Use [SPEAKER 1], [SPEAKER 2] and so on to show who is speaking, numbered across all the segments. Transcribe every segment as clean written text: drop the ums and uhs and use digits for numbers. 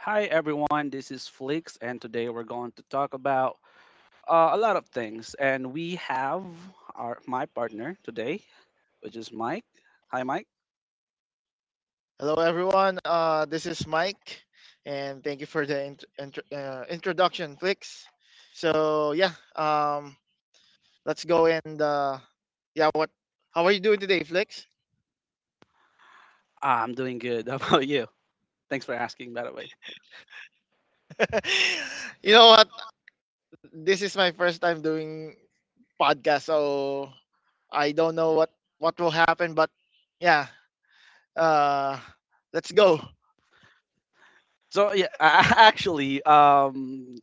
[SPEAKER 1] Hi everyone, this is Flix, and today we're going to talk about a lot of things. And we have our my partner today, which is Mike. Hi, Mike.
[SPEAKER 2] Hello, everyone. This is Mike, and thank you for the introduction, Flix. So yeah, let's go and yeah, what? How are you doing today, Flix?
[SPEAKER 1] I'm doing good. How about you? Thanks for asking, by the way.
[SPEAKER 2] You know what? This is my first time doing podcast, so I don't know what will happen, but yeah, uh, let's go.
[SPEAKER 1] So yeah, I actually,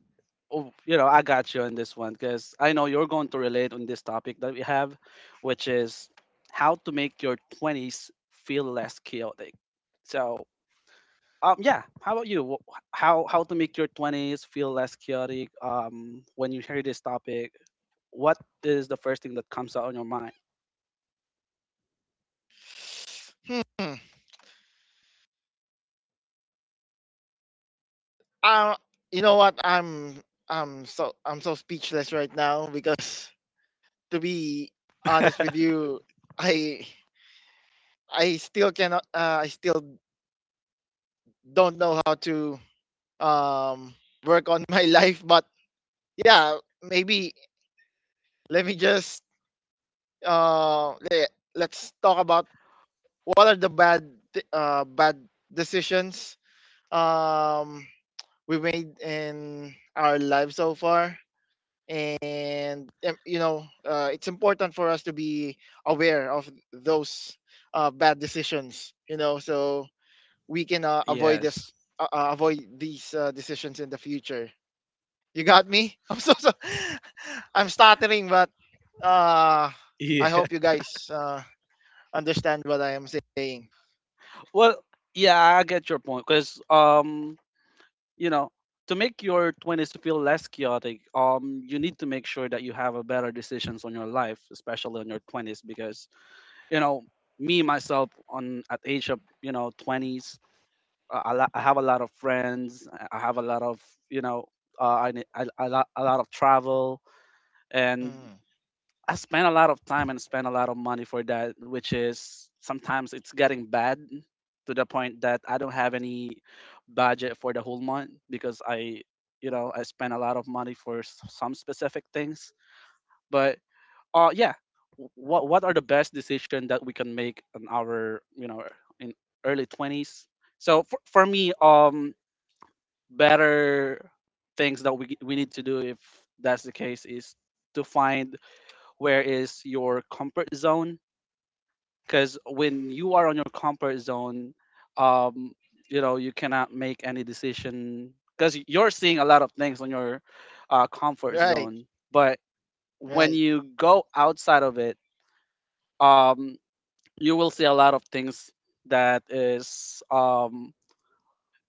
[SPEAKER 1] oh, I got you on this one because I know you're going to relate on this topic that we have, which is how to make your 20s feel less chaotic. So yeah. How about you? How to make your twenties feel less chaotic? When you hear this topic, what is the first thing that comes out on your mind?
[SPEAKER 2] Hmm. Uh, you know what? I'm so speechless right now because, to be honest with you, I I still cannot I still don't know how to um work on my life, but yeah, maybe let me just let's talk about what are the bad decisions um we made in our life so far, and it's important for us to be aware of those bad decisions, so we can avoid this
[SPEAKER 1] Yes.
[SPEAKER 2] avoid these decisions in the future. You got me? I'm so, so I'm stuttering, but uh I hope you guys understand what I am saying.
[SPEAKER 1] Well, yeah, I get your point because you know, to make your 20s to feel less chaotic, you need to make sure that you have a better decisions on your life, especially on your 20s because, you know, me myself on at age of, 20s. I have a lot of friends. I have a lot of you know. I, ne- I lo- A lot of travel, and
[SPEAKER 2] Mm.
[SPEAKER 1] I spend a lot of time and spend a lot of money for that, which is sometimes it's getting bad to the point that I don't have any budget for the whole month because I you know I spend a lot of money for some specific things. But yeah, what are the best decision that we can make in our in early 20s? So for me, better things that we need to do if that's the case is to find where is your comfort zone, because when you are on your comfort zone, um you cannot make any decision because you're seeing a lot of things on your comfort
[SPEAKER 2] Right,
[SPEAKER 1] zone. But when
[SPEAKER 2] right.
[SPEAKER 1] you go outside of it, um you will see a lot of things that is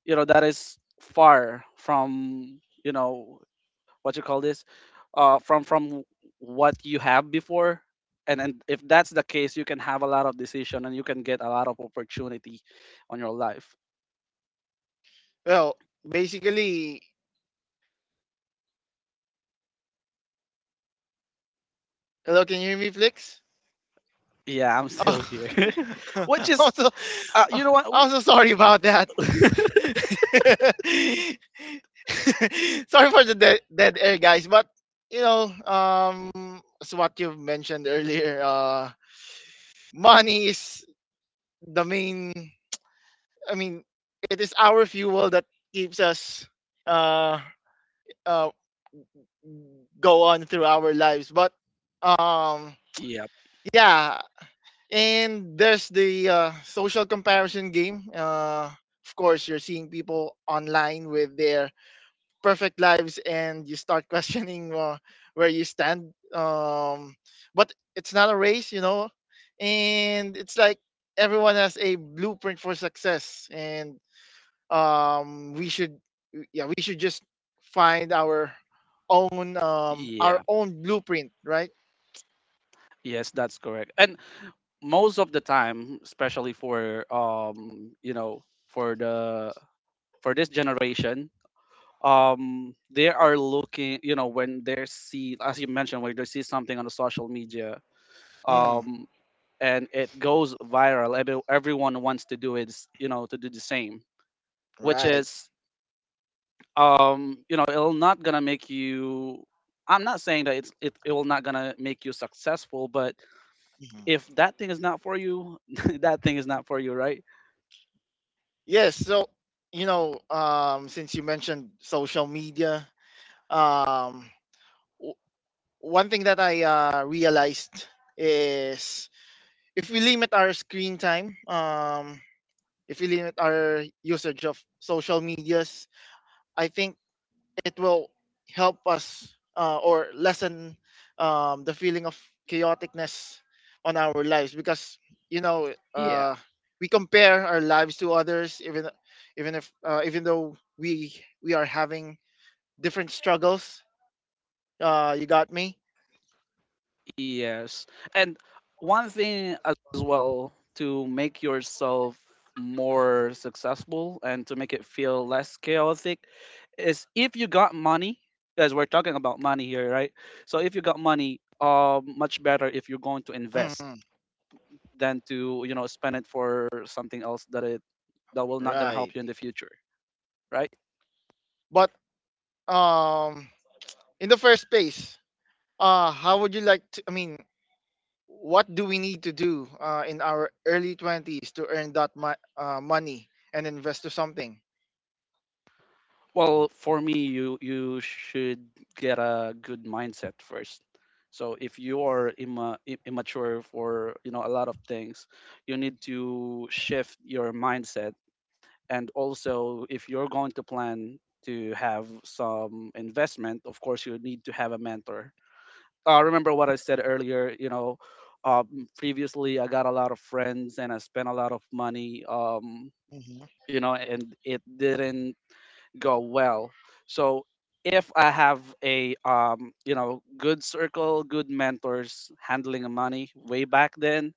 [SPEAKER 1] that is far from what you call this, from what you have before. And if that's the case, you can have a lot of decision and you can get a lot of opportunity on your life.
[SPEAKER 2] Well, basically, hello, can you hear me, Flix?
[SPEAKER 1] Yeah, I'm still
[SPEAKER 2] Oh,
[SPEAKER 1] here which
[SPEAKER 2] I'm
[SPEAKER 1] is
[SPEAKER 2] so uh,
[SPEAKER 1] you know what.
[SPEAKER 2] I'm so sorry about that. Sorry for the dead air, guys. But as what you've mentioned earlier, money is the main. I mean, it is our fuel that keeps us uh, uh, go on through our lives. But um,
[SPEAKER 1] Yeah,
[SPEAKER 2] yeah, and there's the social comparison game. Of course, you're seeing people online with their perfect lives, and you start questioning where you stand. But it's not a race. And it's like everyone has a blueprint for success, and we should, yeah, we should just find our
[SPEAKER 1] yeah,
[SPEAKER 2] own blueprint, right?
[SPEAKER 1] yes, that's correct. And most of the time, especially for for the for this generation, they are looking, when they see, as you mentioned, when they see something on the social media,
[SPEAKER 2] Mm,
[SPEAKER 1] um and it goes viral. Everyone wants to do it, to do the same, which
[SPEAKER 2] right.
[SPEAKER 1] is, it'll not gonna make you. I'm not saying that it will not gonna make you successful, but if that thing is not for you, that thing is not for you, right?
[SPEAKER 2] Yes. So, since you mentioned social media, um, w- one thing that I realized is if we limit our screen time, if we limit our usage of social medias, I think it will help us or lessen the feeling of chaoticness on our lives because you know
[SPEAKER 1] Yeah.
[SPEAKER 2] uh, we compare our lives to others, even even if even though we are having different struggles. You got me?
[SPEAKER 1] Yes. And one thing as well to make yourself more successful and to make it feel less chaotic is if you got money, because we're talking about money here, right? So if you got money, much better if you're going to invest
[SPEAKER 2] Mhm.
[SPEAKER 1] than to spend it for something else that it that will not gonna help
[SPEAKER 2] Right.
[SPEAKER 1] you in the future, right?
[SPEAKER 2] But um in the first place, how would you like to I mean, what do we need to do in our early 20s to earn that money and invest to something?
[SPEAKER 1] Well, for me, you should get a good mindset first. So if you are immature for a lot of things, you need to shift your mindset. And also, if you're going to plan to have some investment, of course, you need to have a mentor. Remember what I said earlier. Previously, I got a lot of friends and I spent a lot of money.
[SPEAKER 2] Hmm,
[SPEAKER 1] And it didn't go well. So if I have a good circle, good mentors handling the money way back then,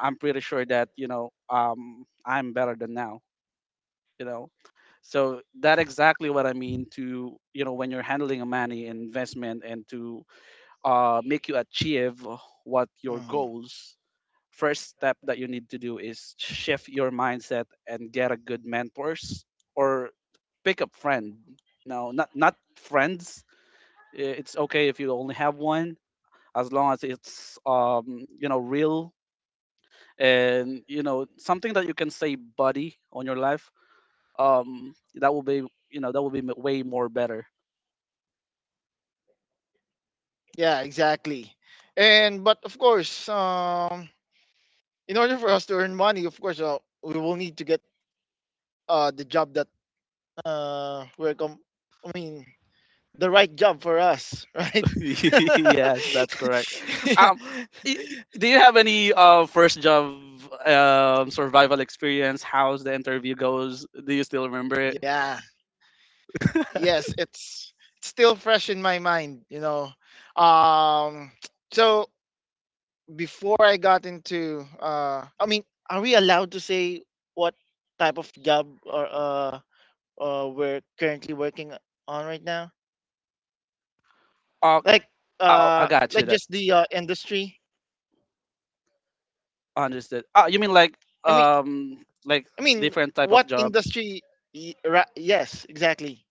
[SPEAKER 1] I'm pretty sure that I'm better than now. You know, so that exactly what I mean to when you're handling a money investment and to make you achieve what your
[SPEAKER 2] hmm,
[SPEAKER 1] goals. First step that you need to do is shift your mindset and get a good mentors or pick up friend. No, not friends. It's okay if you only have one as long as it's real and something that you can say buddy on your life. That will be that will be way more better.
[SPEAKER 2] yeah, exactly. and But of course, in order for us to earn money, of course, we will need to get the job that we're I mean, the right job for us. Right.
[SPEAKER 1] Yes, that's correct. Um, do you have any first job survival experience? How's the interview goes? Do you still remember it?
[SPEAKER 2] Yeah. Yes, it's still fresh in my mind. Um, so before I got into, I mean, are we allowed to say what type of job or we're currently working on right now?
[SPEAKER 1] Oh,
[SPEAKER 2] Like,
[SPEAKER 1] oh, I got you.
[SPEAKER 2] like
[SPEAKER 1] That's
[SPEAKER 2] just the industry.
[SPEAKER 1] understood. Oh, you mean
[SPEAKER 2] I mean,
[SPEAKER 1] um like
[SPEAKER 2] I mean,
[SPEAKER 1] different type of
[SPEAKER 2] what
[SPEAKER 1] job?
[SPEAKER 2] industry? Yes, exactly.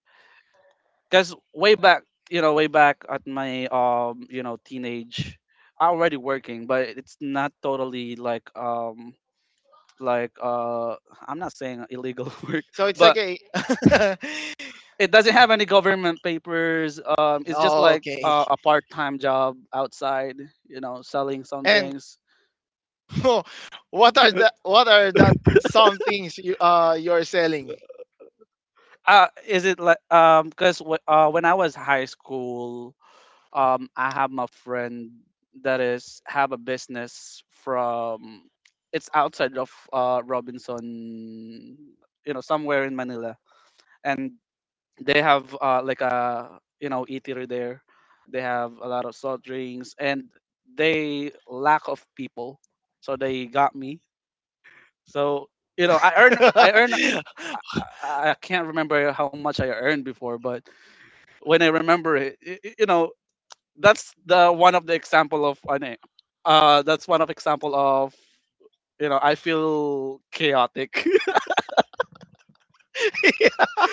[SPEAKER 1] Because way back, way back at my teenage, I already working, but it's not totally like I'm not saying illegal work,
[SPEAKER 2] So it's like
[SPEAKER 1] but.
[SPEAKER 2] a.
[SPEAKER 1] It doesn't have any government papers. It's just
[SPEAKER 2] Oh,
[SPEAKER 1] like
[SPEAKER 2] okay.
[SPEAKER 1] a part-time job outside, selling some
[SPEAKER 2] And
[SPEAKER 1] things.
[SPEAKER 2] what are that some things you're selling?
[SPEAKER 1] Is it like? Because when I was high school, I have my friend that is have a business from. It's outside of Robinson, you know, somewhere in Manila, and they have like a eatery there. They have a lot of soft drinks and they lack of people, so they got me. So you know i earn i earn i, I can't remember how much I earned before. But when I remember it, that's the one of the example of that's one of example of I feel chaotic.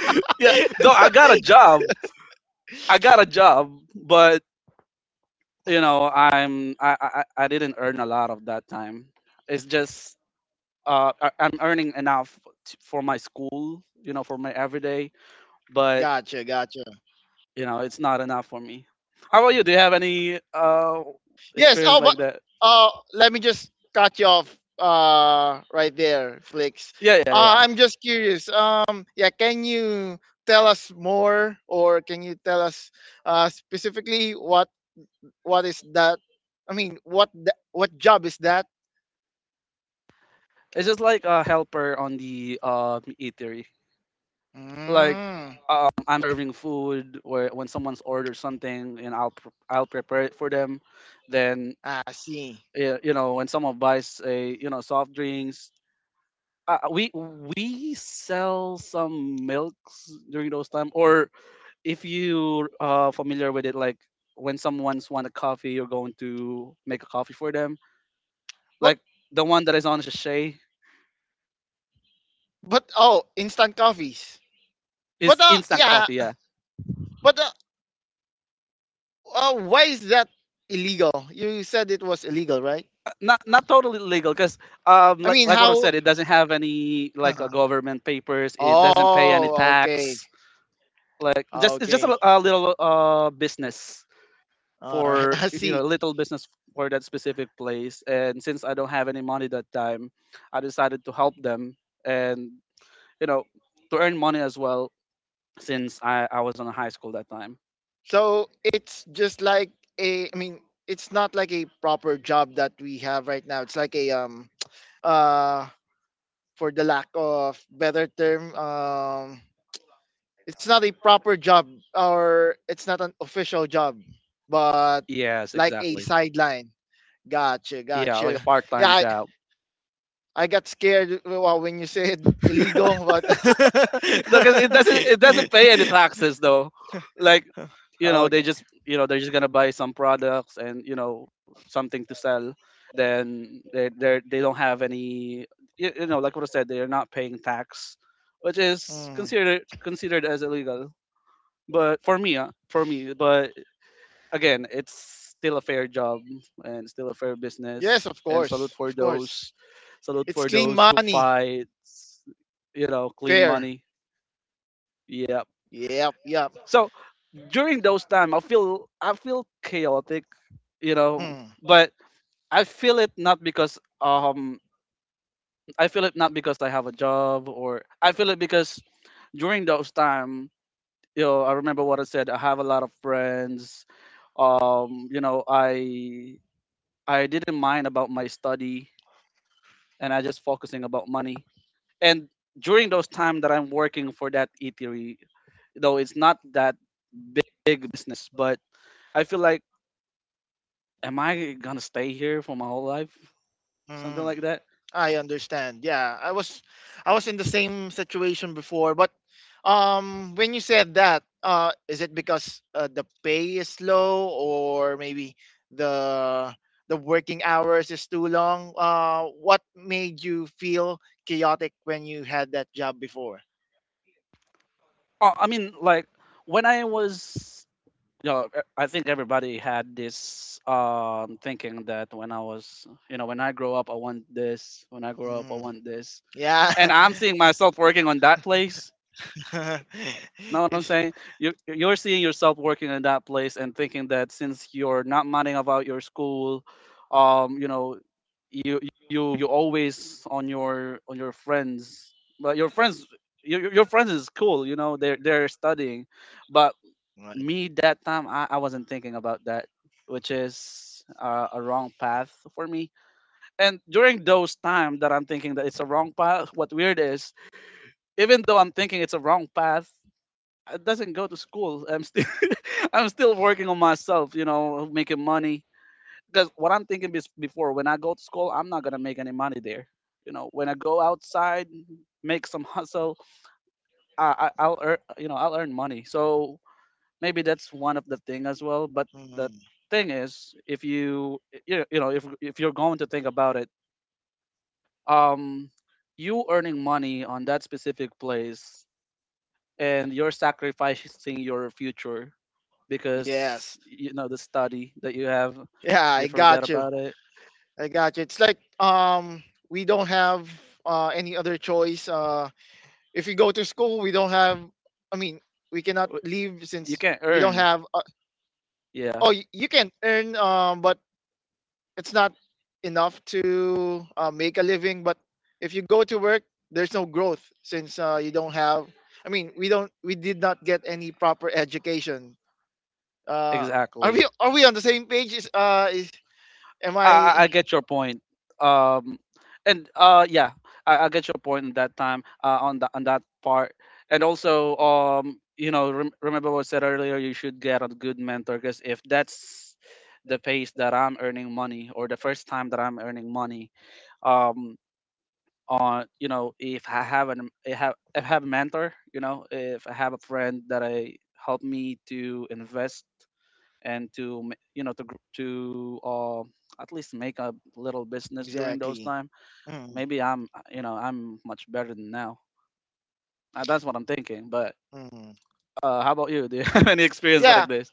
[SPEAKER 1] Yeah, though I got a job. But you know I'm I didn't earn a lot of that time. It's just I'm earning enough for my school, for my everyday. But
[SPEAKER 2] Gotcha, gotcha.
[SPEAKER 1] it's not enough for me. How about you? Do you have any
[SPEAKER 2] Yes.
[SPEAKER 1] experience
[SPEAKER 2] Oh,
[SPEAKER 1] like
[SPEAKER 2] but
[SPEAKER 1] that?
[SPEAKER 2] let me just cut you off right there, Flix.
[SPEAKER 1] Yeah, yeah, yeah.
[SPEAKER 2] I'm just curious. Yeah, can you tell us more, or can you tell us specifically what is that? I mean, what job is that?
[SPEAKER 1] It's just like a helper on the eatery. Like
[SPEAKER 2] Mm,
[SPEAKER 1] I'm serving food where when someone's ordered something and I'll prepare it for them. Then
[SPEAKER 2] I see.
[SPEAKER 1] yeah, when someone buys a soft drinks. We sell some milks during those time, or if you familiar with it, like when someone's want a coffee, you're going to make a coffee for them.
[SPEAKER 2] But
[SPEAKER 1] Like the one that is on sachet
[SPEAKER 2] But oh, instant coffees.
[SPEAKER 1] is
[SPEAKER 2] But
[SPEAKER 1] instant
[SPEAKER 2] yeah.
[SPEAKER 1] coffee. Yeah,
[SPEAKER 2] But why is that illegal? You said it was illegal, right?
[SPEAKER 1] not totally legal because
[SPEAKER 2] I
[SPEAKER 1] like
[SPEAKER 2] mean,
[SPEAKER 1] like what I
[SPEAKER 2] how?
[SPEAKER 1] said, it doesn't have any like
[SPEAKER 2] Uh-huh.
[SPEAKER 1] government papers. It doesn't pay any
[SPEAKER 2] Oh, okay,
[SPEAKER 1] tax. Like just it's just a,
[SPEAKER 2] okay.
[SPEAKER 1] a little business
[SPEAKER 2] All right,
[SPEAKER 1] for
[SPEAKER 2] I see.
[SPEAKER 1] little business for that specific place. And since I don't have any money that time, I decided to help them and you know to earn money as well, since I was in high school that time.
[SPEAKER 2] So it's just like a, I mean, it's not like a proper job that we have right now. It's like a uh for the lack of better term, it's not a proper job or it's not an official job, but
[SPEAKER 1] Yes,
[SPEAKER 2] like a
[SPEAKER 1] exactly.
[SPEAKER 2] sideline. Gotcha,
[SPEAKER 1] Yeah, like
[SPEAKER 2] gotcha.
[SPEAKER 1] a
[SPEAKER 2] Yeah,
[SPEAKER 1] part-time job
[SPEAKER 2] I got scared, well, when you said illegal, but
[SPEAKER 1] because it doesn't pay any taxes. Though like
[SPEAKER 2] okay.
[SPEAKER 1] they're just gonna buy some products and something to sell. Then they don't have any. Like what I said, they're not paying tax, which is
[SPEAKER 2] Mm.
[SPEAKER 1] considered as illegal. But for me, for me, but again, it's still a fair job and still a fair
[SPEAKER 2] Yes,
[SPEAKER 1] business.
[SPEAKER 2] of
[SPEAKER 1] And
[SPEAKER 2] course, of course.
[SPEAKER 1] salute
[SPEAKER 2] It's
[SPEAKER 1] for
[SPEAKER 2] clean
[SPEAKER 1] those who
[SPEAKER 2] money,
[SPEAKER 1] fight, clean
[SPEAKER 2] fair.
[SPEAKER 1] money. Yep.
[SPEAKER 2] Yep, yep.
[SPEAKER 1] So during those time, I feel chaotic, you know
[SPEAKER 2] Hmm.
[SPEAKER 1] but I feel it not because I feel it not because I have a job, or I feel it because during those time, I remember what I said, I have a lot of friends. um you know i I didn't mind about my study and I just focusing about money. And during those time that I'm working for that eatery, though it's not that big business, but I feel like, am I gonna stay here for my whole life? Something
[SPEAKER 2] Mm,
[SPEAKER 1] like that.
[SPEAKER 2] I understand. Yeah, I was in the same situation before, but when you said that, is it because the pay is low or maybe the the working hours is too long? What made you feel chaotic when you had that job before?
[SPEAKER 1] Oh, I mean, like when I was, I think everybody had this thinking that when I was, when I grow up, I want this. When I grow up, I
[SPEAKER 2] Mm,
[SPEAKER 1] want this.
[SPEAKER 2] yeah.
[SPEAKER 1] And I'm seeing myself working on that place. Know what I'm
[SPEAKER 2] It's.
[SPEAKER 1] saying? You're seeing yourself working in that place and thinking that since you're not minding about your school. You know, you you always on your friends. But your friends is cool. You know, they're studying, but me
[SPEAKER 2] Right.
[SPEAKER 1] that time I wasn't thinking about that, which is a wrong path for me. And during those time that I'm thinking that it's a wrong path, what weird is, even though I'm thinking it's a wrong path, I doesn't go to school. I'm still I'm still working on myself, you know, making money. Because what I'm thinking bes before, when I go to school, I'm not gonna make any money there. You know, when I go outside, make some hustle, I'll earn, you know, I'll earn money. So maybe that's one of the thing as well. But the
[SPEAKER 2] Mm,
[SPEAKER 1] thing is, if you know, if you're going to think about it, um, you earning money on that specific place and you're sacrificing your future, because
[SPEAKER 2] yes.
[SPEAKER 1] you know the study that you have,
[SPEAKER 2] Yeah,
[SPEAKER 1] you
[SPEAKER 2] I
[SPEAKER 1] forget
[SPEAKER 2] got you.
[SPEAKER 1] about it.
[SPEAKER 2] I got you. It's like we don't have any other choice. If you go to school, we don't have, I mean, we cannot
[SPEAKER 1] W-
[SPEAKER 2] leave
[SPEAKER 1] You
[SPEAKER 2] since
[SPEAKER 1] can not
[SPEAKER 2] we don't
[SPEAKER 1] earn.
[SPEAKER 2] have
[SPEAKER 1] Yeah,
[SPEAKER 2] oh, you can earn, but it's not enough to make a living, but if you go to work, there's no growth since you don't have, I mean, we did not get any proper education. Uh are we
[SPEAKER 1] exactly.
[SPEAKER 2] are we on the same page? Is am
[SPEAKER 1] I I,
[SPEAKER 2] I
[SPEAKER 1] I get your point. Um, and yeah, I get your point in that time, on that part. And also, you know, remember what I said earlier. You should get a good mentor. Because if that's the pace that I'm earning money, or the first time that I'm earning money, um. on you know, if I have an I have a mentor, you know, if I have a friend that I help me to invest and to you know, to to at least make a little business during those
[SPEAKER 2] Exactly.
[SPEAKER 1] time,
[SPEAKER 2] Mm,
[SPEAKER 1] maybe I'm you know, I'm much better than now. That's what I'm thinking, but
[SPEAKER 2] mm.
[SPEAKER 1] how about you, do you have any experience
[SPEAKER 2] Yeah,
[SPEAKER 1] like this?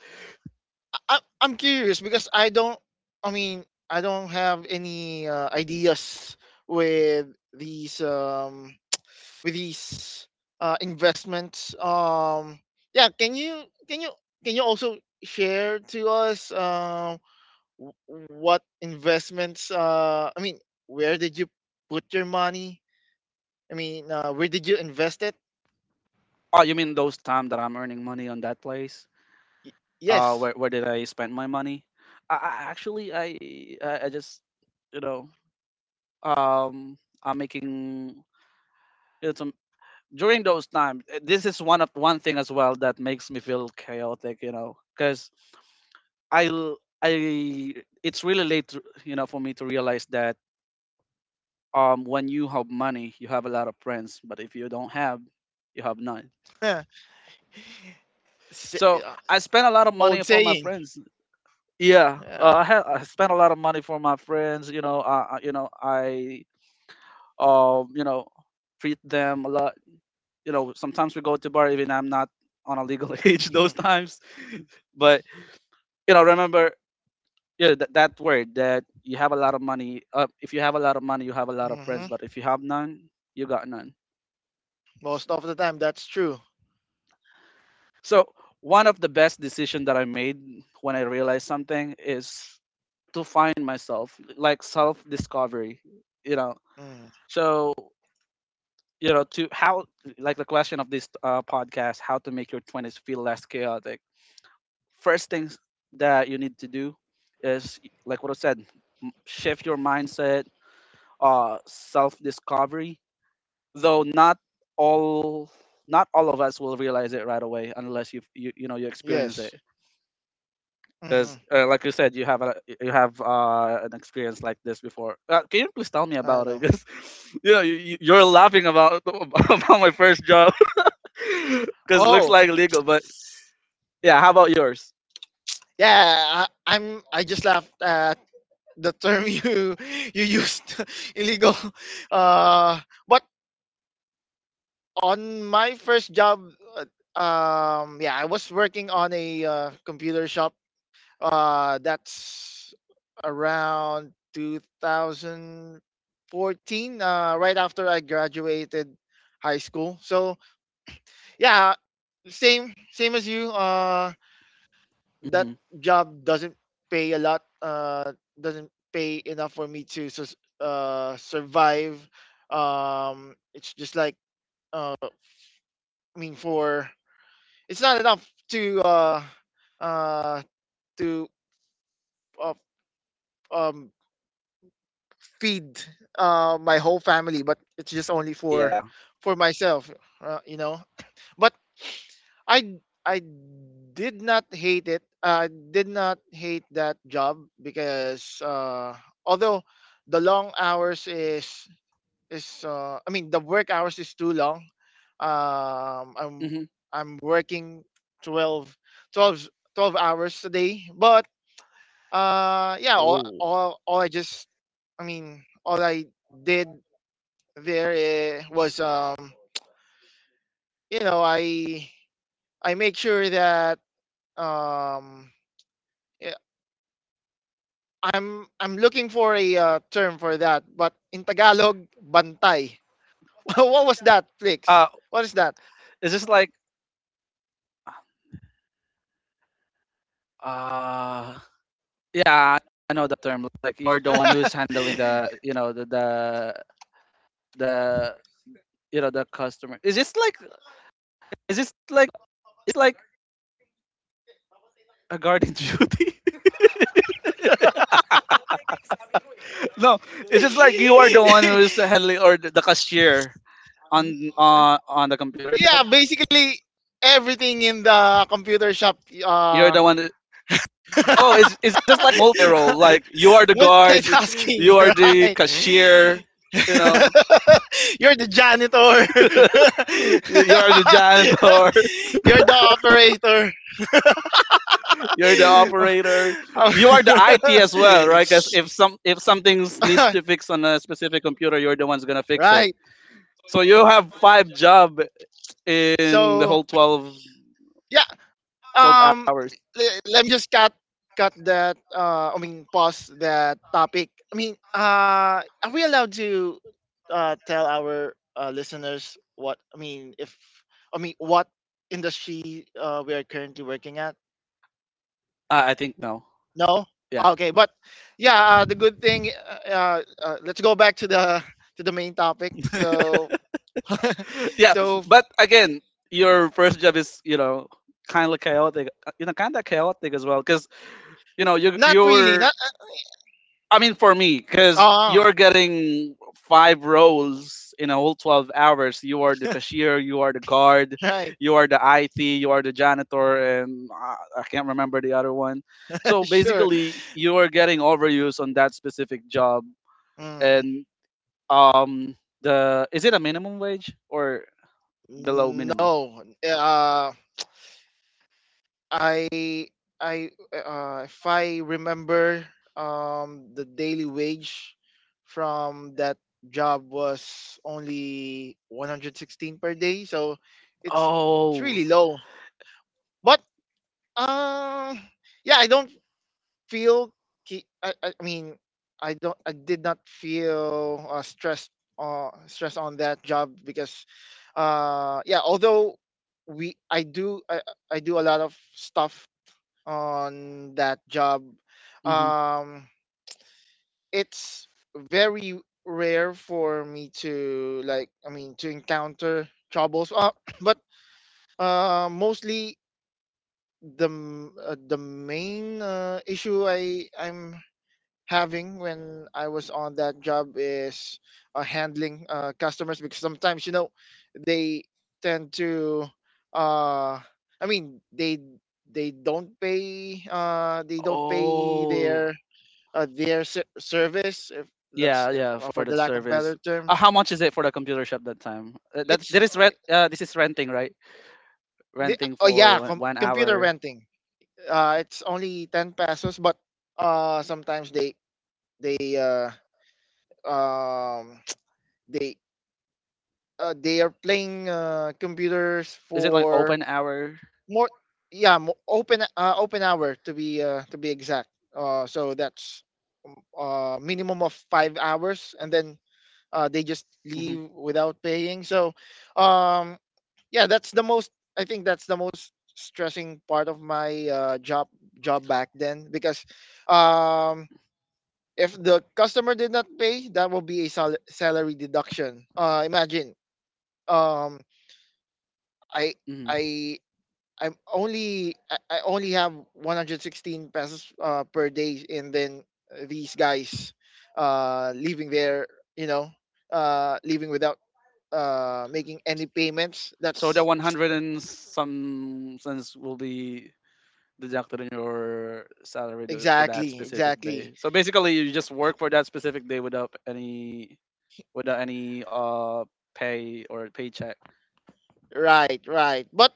[SPEAKER 2] I'm curious because I don't. I mean, I don't have any ideas with these with these investments. Yeah. Can you also share to us w- what investments? I mean, where did you put your money? I mean, where did you invest it?
[SPEAKER 1] Oh, you mean those time that I'm earning money on that place?
[SPEAKER 2] Y- yes.
[SPEAKER 1] Where did I spend my money? I actually I just, you know, making, you know, some during those times, this is one of one thing as well that makes me feel chaotic, you know, because I l- I it's really late to, you know, for me to realize that, when you have money, you have a lot of friends, but if you don't have, you have none.
[SPEAKER 2] Sa-
[SPEAKER 1] So
[SPEAKER 2] uh,
[SPEAKER 1] I spent a lot of
[SPEAKER 2] Old
[SPEAKER 1] money for my
[SPEAKER 2] saying.
[SPEAKER 1] friends. Yeah, uh,
[SPEAKER 2] Yeah.
[SPEAKER 1] i ha- i spent a lot of money for my friends, you know, you know, I you know, treat them a lot, you know, sometimes we go to bar, even I'm not on a legal age those times but you know, remember, yeah, that word, that you have a lot of money, if you have a lot of money, you have a lot of
[SPEAKER 2] Mm-hmm.
[SPEAKER 1] friends, but if you have none, you got none.
[SPEAKER 2] Most of the time, that's true.
[SPEAKER 1] So one of the best decision that I made when I realized something is to find myself, like self discovery, you know.
[SPEAKER 2] Mm.
[SPEAKER 1] So, you know, to how, like the question of this podcast, how to make your 20s feel less chaotic, first things that you need to do is like what I said, shift your mindset, self discovery. Though not all, not all of us will realize it right away, unless you know you experience it.
[SPEAKER 2] Yes. Mm-hmm.
[SPEAKER 1] Because like you said, you have a you have an experience like this before. Can you please tell me
[SPEAKER 2] I
[SPEAKER 1] about it?
[SPEAKER 2] know.
[SPEAKER 1] Because you know, you're laughing about about my first job because it looks
[SPEAKER 2] Oh,
[SPEAKER 1] like legal, but yeah. How about yours?
[SPEAKER 2] yeah. I, I'm. I just laughed at the term you you used, illegal. Uh, but on my first job, uh, yeah, I was working on a computer shop. That's around 2014, right after I graduated high school. So yeah, same as you. That
[SPEAKER 1] Hmm.
[SPEAKER 2] job doesn't pay a lot. Doesn't pay enough for me to survive. It's just like uh, I mean, for it's not enough to uh to uh, um feed my whole family, but it's just only for
[SPEAKER 1] Yeah.
[SPEAKER 2] myself, you know. But I I did not hate it. I did not hate that job because although the long hours is I mean, the work hours is too long. Um, I'm I'm working 12 12 12 hours a day, but yeah, all I mean, all I did there was, you know, I, I make sure that, um, eh, I'm looking for a term for that, but in Tagalog, bantay. What was that, Flix?
[SPEAKER 1] Uh,
[SPEAKER 2] What is that?
[SPEAKER 1] is this like, uh, yeah, I know the term. Like you're the one who's handling the, you know, the the you know, the customer. Is this like, it's like a guardian duty. No, it's just like you are the one who's handling, or the cashier on on the computer shop.
[SPEAKER 2] Yeah, basically everything in the computer shop.
[SPEAKER 1] You're
[SPEAKER 2] Uh,
[SPEAKER 1] the one. Oh, it's just like multi role. Like you are the guard,
[SPEAKER 2] multitasking,
[SPEAKER 1] you are the
[SPEAKER 2] right?
[SPEAKER 1] cashier, you know,
[SPEAKER 2] You're the janitor.
[SPEAKER 1] you are the janitor,
[SPEAKER 2] You're the operator.
[SPEAKER 1] you're the
[SPEAKER 2] Oh,
[SPEAKER 1] operator,
[SPEAKER 2] oh.
[SPEAKER 1] you are the IT as well, right? Because if some, if something needs to fix on a specific computer, you're the one's gonna fix it.
[SPEAKER 2] Right.
[SPEAKER 1] So you have five job in the
[SPEAKER 2] So,
[SPEAKER 1] whole twelve
[SPEAKER 2] Um,
[SPEAKER 1] hours.
[SPEAKER 2] le let me just cut that, I mean, pause that topic. I mean, are we allowed to tell our listeners what I mean, if I mean, what industry we are currently working at?
[SPEAKER 1] I think no,
[SPEAKER 2] No?
[SPEAKER 1] yeah,
[SPEAKER 2] Okay, but yeah, the good thing let's go back to the to the main topic. So
[SPEAKER 1] yeah.
[SPEAKER 2] so
[SPEAKER 1] But again, your first job is, you know, kind of chaotic, you know, kind of chaotic as well, because you know you
[SPEAKER 2] not really,
[SPEAKER 1] you're
[SPEAKER 2] not
[SPEAKER 1] I mean, for me, because
[SPEAKER 2] oh,
[SPEAKER 1] you're getting five roles in a whole 12 hours. You are the cashier, you are the guard,
[SPEAKER 2] right.
[SPEAKER 1] you are the IT, you are the janitor, and I can't remember the other one. So
[SPEAKER 2] Sure.
[SPEAKER 1] basically you are getting overuse on that specific job.
[SPEAKER 2] Mm.
[SPEAKER 1] And um the, is it a minimum wage or below minimum?
[SPEAKER 2] No, uh, I I if I remember, the daily wage from that job was only 116 per day, so it's it's
[SPEAKER 1] Oh,
[SPEAKER 2] really low. But uh, yeah, feel I mean, I did not feel stress on that job because yeah, although we I do a lot of stuff on that job.
[SPEAKER 1] mhm.
[SPEAKER 2] um it's very rare for me to like I mean, to encounter troubles, but mostly the main issue I'm having when I was on that job is handling customers, because sometimes, they tend to uh I mean, they don't pay, they don't pay
[SPEAKER 1] Oh,
[SPEAKER 2] their service, if that's
[SPEAKER 1] yeah,
[SPEAKER 2] if
[SPEAKER 1] yeah, for
[SPEAKER 2] for the
[SPEAKER 1] that
[SPEAKER 2] lack of
[SPEAKER 1] service.
[SPEAKER 2] better term,
[SPEAKER 1] How much is it for the computer shop that time? That
[SPEAKER 2] it's
[SPEAKER 1] that is rent. This is renting, right?
[SPEAKER 2] the,
[SPEAKER 1] Renting
[SPEAKER 2] oh yeah,
[SPEAKER 1] for one one
[SPEAKER 2] computer
[SPEAKER 1] hour.
[SPEAKER 2] renting, it's only 10 pesos, but sometimes they um they they are playing computers
[SPEAKER 1] Is it like
[SPEAKER 2] for
[SPEAKER 1] open hour?
[SPEAKER 2] more open open hour, to be exact, so that's minimum of 5 hours, and then they just
[SPEAKER 1] Hmm,
[SPEAKER 2] leave without paying. So um, yeah, that's the most I think that's the most stressing part of my job back then, because um, if the customer did not pay, that will be a salary deduction. Imagine, um, I
[SPEAKER 1] hmm.
[SPEAKER 2] I I'm only I only have 116 pesos per day, and then these guys leaving their, you know leaving without making any payments.
[SPEAKER 1] So the
[SPEAKER 2] That's
[SPEAKER 1] 100 and some cents will be deducted in your salary for that
[SPEAKER 2] exactly,
[SPEAKER 1] specific
[SPEAKER 2] exactly
[SPEAKER 1] day. So basically, you just work for that specific day without any, without any pay or paycheck.
[SPEAKER 2] right. Right. But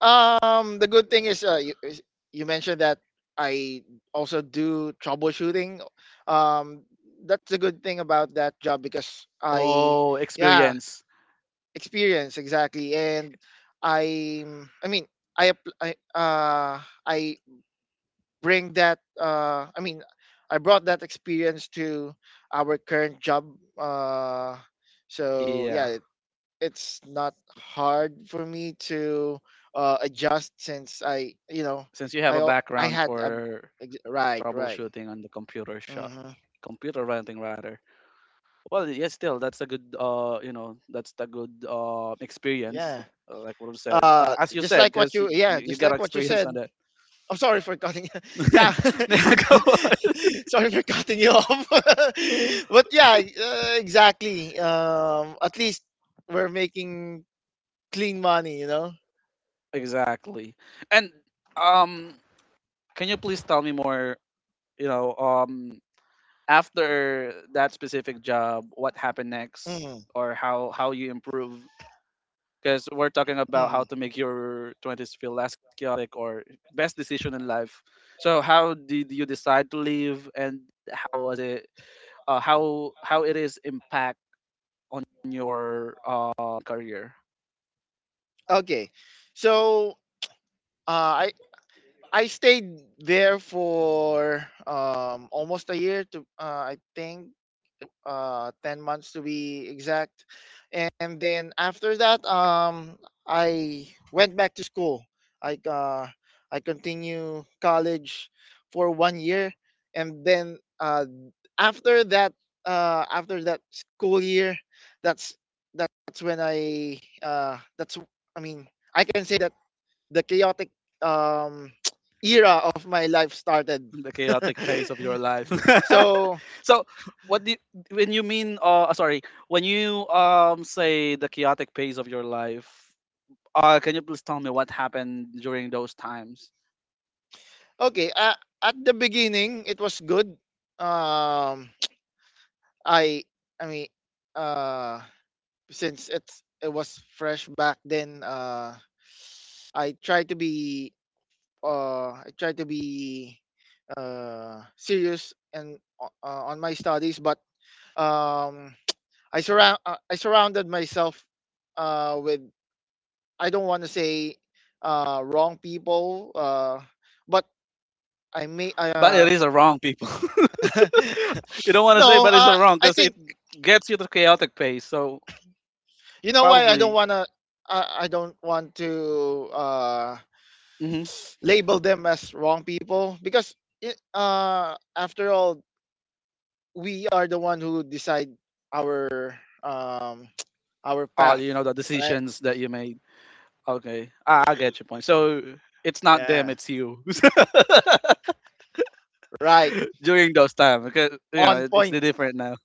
[SPEAKER 2] the good thing is you mentioned that I also do troubleshooting. Um, that's a good thing about that job because I
[SPEAKER 1] Oh,
[SPEAKER 2] yeah,
[SPEAKER 1] experience.
[SPEAKER 2] experience, exactly. And I I mean, I app- I bring that, I brought that experience to our current job, uh so yeah, it's not hard for me to adjust since I, you know,
[SPEAKER 1] Since you have
[SPEAKER 2] I
[SPEAKER 1] a
[SPEAKER 2] al- I
[SPEAKER 1] background
[SPEAKER 2] had a
[SPEAKER 1] for
[SPEAKER 2] ex- right, right.
[SPEAKER 1] troubleshooting on the computer shop,
[SPEAKER 2] Mhm.
[SPEAKER 1] computer renting rather. Well, yes, still that's a good, you know, that's a good experience.
[SPEAKER 2] Yeah.
[SPEAKER 1] Like what you said,
[SPEAKER 2] Uh
[SPEAKER 1] as you
[SPEAKER 2] just
[SPEAKER 1] said,
[SPEAKER 2] like what
[SPEAKER 1] because
[SPEAKER 2] you,
[SPEAKER 1] you,
[SPEAKER 2] yeah,
[SPEAKER 1] you
[SPEAKER 2] just
[SPEAKER 1] got
[SPEAKER 2] like what you
[SPEAKER 1] experience
[SPEAKER 2] said.
[SPEAKER 1] on that.
[SPEAKER 2] I'm sorry for cutting. Yeah,
[SPEAKER 1] There you go. on.
[SPEAKER 2] sorry for cutting you off. But yeah, exactly. At least we're making clean money, you know.
[SPEAKER 1] Exactly. And um, can you please tell me more? You know, after that specific job, what happened next,
[SPEAKER 2] Mm-hmm.
[SPEAKER 1] or how you improve? Because we're talking about
[SPEAKER 2] Hmm.
[SPEAKER 1] how
[SPEAKER 2] mm.
[SPEAKER 1] to make your 20s feel less chaotic, or best decision in life. So how did you decide to leave, and how was it, how it is impact on your career,
[SPEAKER 2] Okay, so uh, I I stayed there for almost a year, to I think 10 months to be exact. And then after that, I went back to school. I uh i continue college for 1 year, and then after that, after that school year, that's that's when i mean I can say that the chaotic um era of my life started.
[SPEAKER 1] the chaotic pace of your life.
[SPEAKER 2] So
[SPEAKER 1] So what do you, when you mean, sorry, when you say the chaotic pace of your life? Can you please tell me what happened during those times?
[SPEAKER 2] okay, at the beginning, it was good. Um, I, I mean, uh, since it was fresh back then, I try to be, I try to be serious and on my studies. But um, I surrounded myself with, I don't want to say, wrong people. But I may,
[SPEAKER 1] But it
[SPEAKER 2] I,
[SPEAKER 1] is a wrong, people.
[SPEAKER 2] uh,
[SPEAKER 1] You don't want to say,
[SPEAKER 2] No,
[SPEAKER 1] but it's a wrong,
[SPEAKER 2] I
[SPEAKER 1] because it
[SPEAKER 2] think
[SPEAKER 1] gets you to chaotic pace. So
[SPEAKER 2] you know why I
[SPEAKER 1] probably,
[SPEAKER 2] don't wanna. I don't want to
[SPEAKER 1] mm-hmm,
[SPEAKER 2] label them as wrong people because, after all, we are the one who decide our um, our path,
[SPEAKER 1] you know, the
[SPEAKER 2] right?
[SPEAKER 1] decisions that you made. Okay, I get your point. So it's not them,
[SPEAKER 2] Yeah,
[SPEAKER 1] it's you
[SPEAKER 2] right.
[SPEAKER 1] during those times, because you know
[SPEAKER 2] On
[SPEAKER 1] it, it's the
[SPEAKER 2] point.
[SPEAKER 1] different now.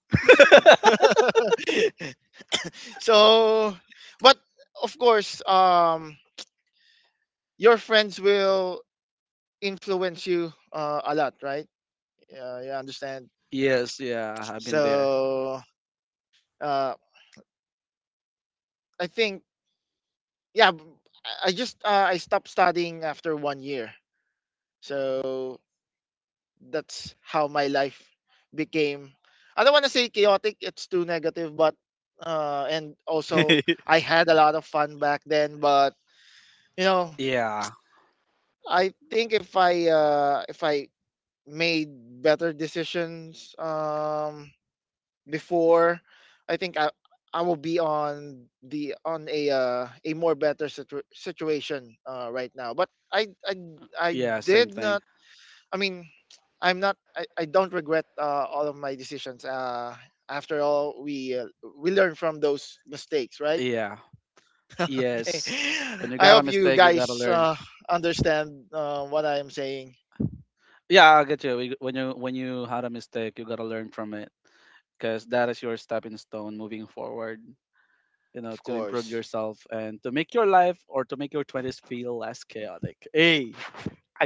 [SPEAKER 2] So, but of course, your friends will influence you a lot, right? You understand.
[SPEAKER 1] Yes, yeah, I've been there.
[SPEAKER 2] So Uh, I think yeah, I stopped studying after 1 year. So that's how my life became. I don't want to say chaotic; it's too negative. But and also, I had a lot of fun back then. But you know,
[SPEAKER 1] Yeah,
[SPEAKER 2] I think if I, if I made better decisions, before, I think I will be on the on a more better situation right now. But I
[SPEAKER 1] yeah, same
[SPEAKER 2] did
[SPEAKER 1] thing.
[SPEAKER 2] not. I mean, I'm not. I don't regret all of my decisions. After all, we learn from those mistakes, right?
[SPEAKER 1] Yeah,
[SPEAKER 2] Okay.
[SPEAKER 1] yes. When you
[SPEAKER 2] I
[SPEAKER 1] got a
[SPEAKER 2] hope you
[SPEAKER 1] mistake, you gotta
[SPEAKER 2] guys
[SPEAKER 1] learn.
[SPEAKER 2] understand what I am saying.
[SPEAKER 1] Yeah, I get you. When you, when you had a mistake, you gotta learn from it, because that is your stepping stone moving forward. You know,
[SPEAKER 2] Of
[SPEAKER 1] to improve
[SPEAKER 2] course.
[SPEAKER 1] yourself, and to make your life, or to make your twenties feel less chaotic. Hey,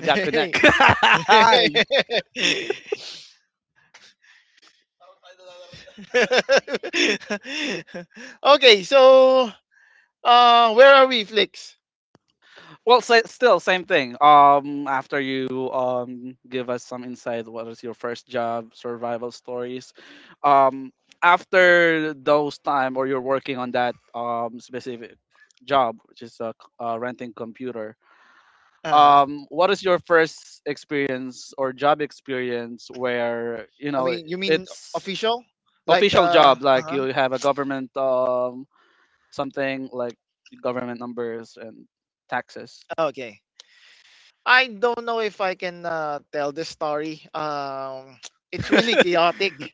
[SPEAKER 1] got connect.
[SPEAKER 2] Okay, so where are we, Flix?
[SPEAKER 1] Well, still same thing. After you give us some insight, what is your first job, survival stories? Um, after those time, or you're working on that specific job, which is renting computer.
[SPEAKER 2] Uh huh.
[SPEAKER 1] What is your first experience or job experience where, you
[SPEAKER 2] I
[SPEAKER 1] know,
[SPEAKER 2] mean, you mean
[SPEAKER 1] it's
[SPEAKER 2] official? Like
[SPEAKER 1] official job,
[SPEAKER 2] uh
[SPEAKER 1] like
[SPEAKER 2] huh.
[SPEAKER 1] you have a government something like government numbers and taxes?
[SPEAKER 2] Okay. I don't know if I can tell this story. It's really chaotic.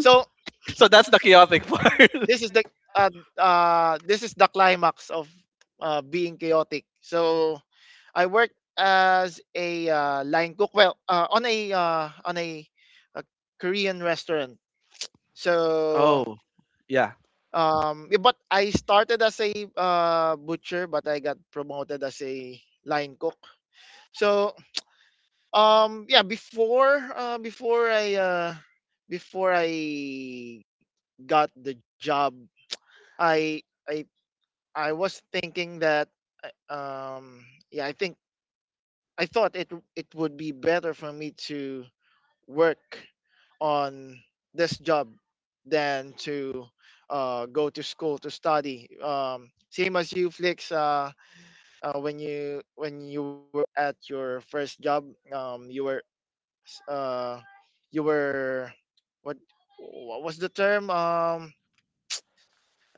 [SPEAKER 2] So
[SPEAKER 1] So that's the chaotic part.
[SPEAKER 2] this is the uh, this is the climax of being chaotic. So I worked as a line cook. Well, on a Korean restaurant. So,
[SPEAKER 1] Oh, yeah.
[SPEAKER 2] yeah, but I started as a butcher, but I got promoted as a line cook. So, yeah, before I, before I got the job, I I I was thinking that I- um, yeah, I think I thought it would be better for me to work on this job than to go to school to study. Same as you, Flix. When you were at your first job, um, you were s- uh, you were what what was the term?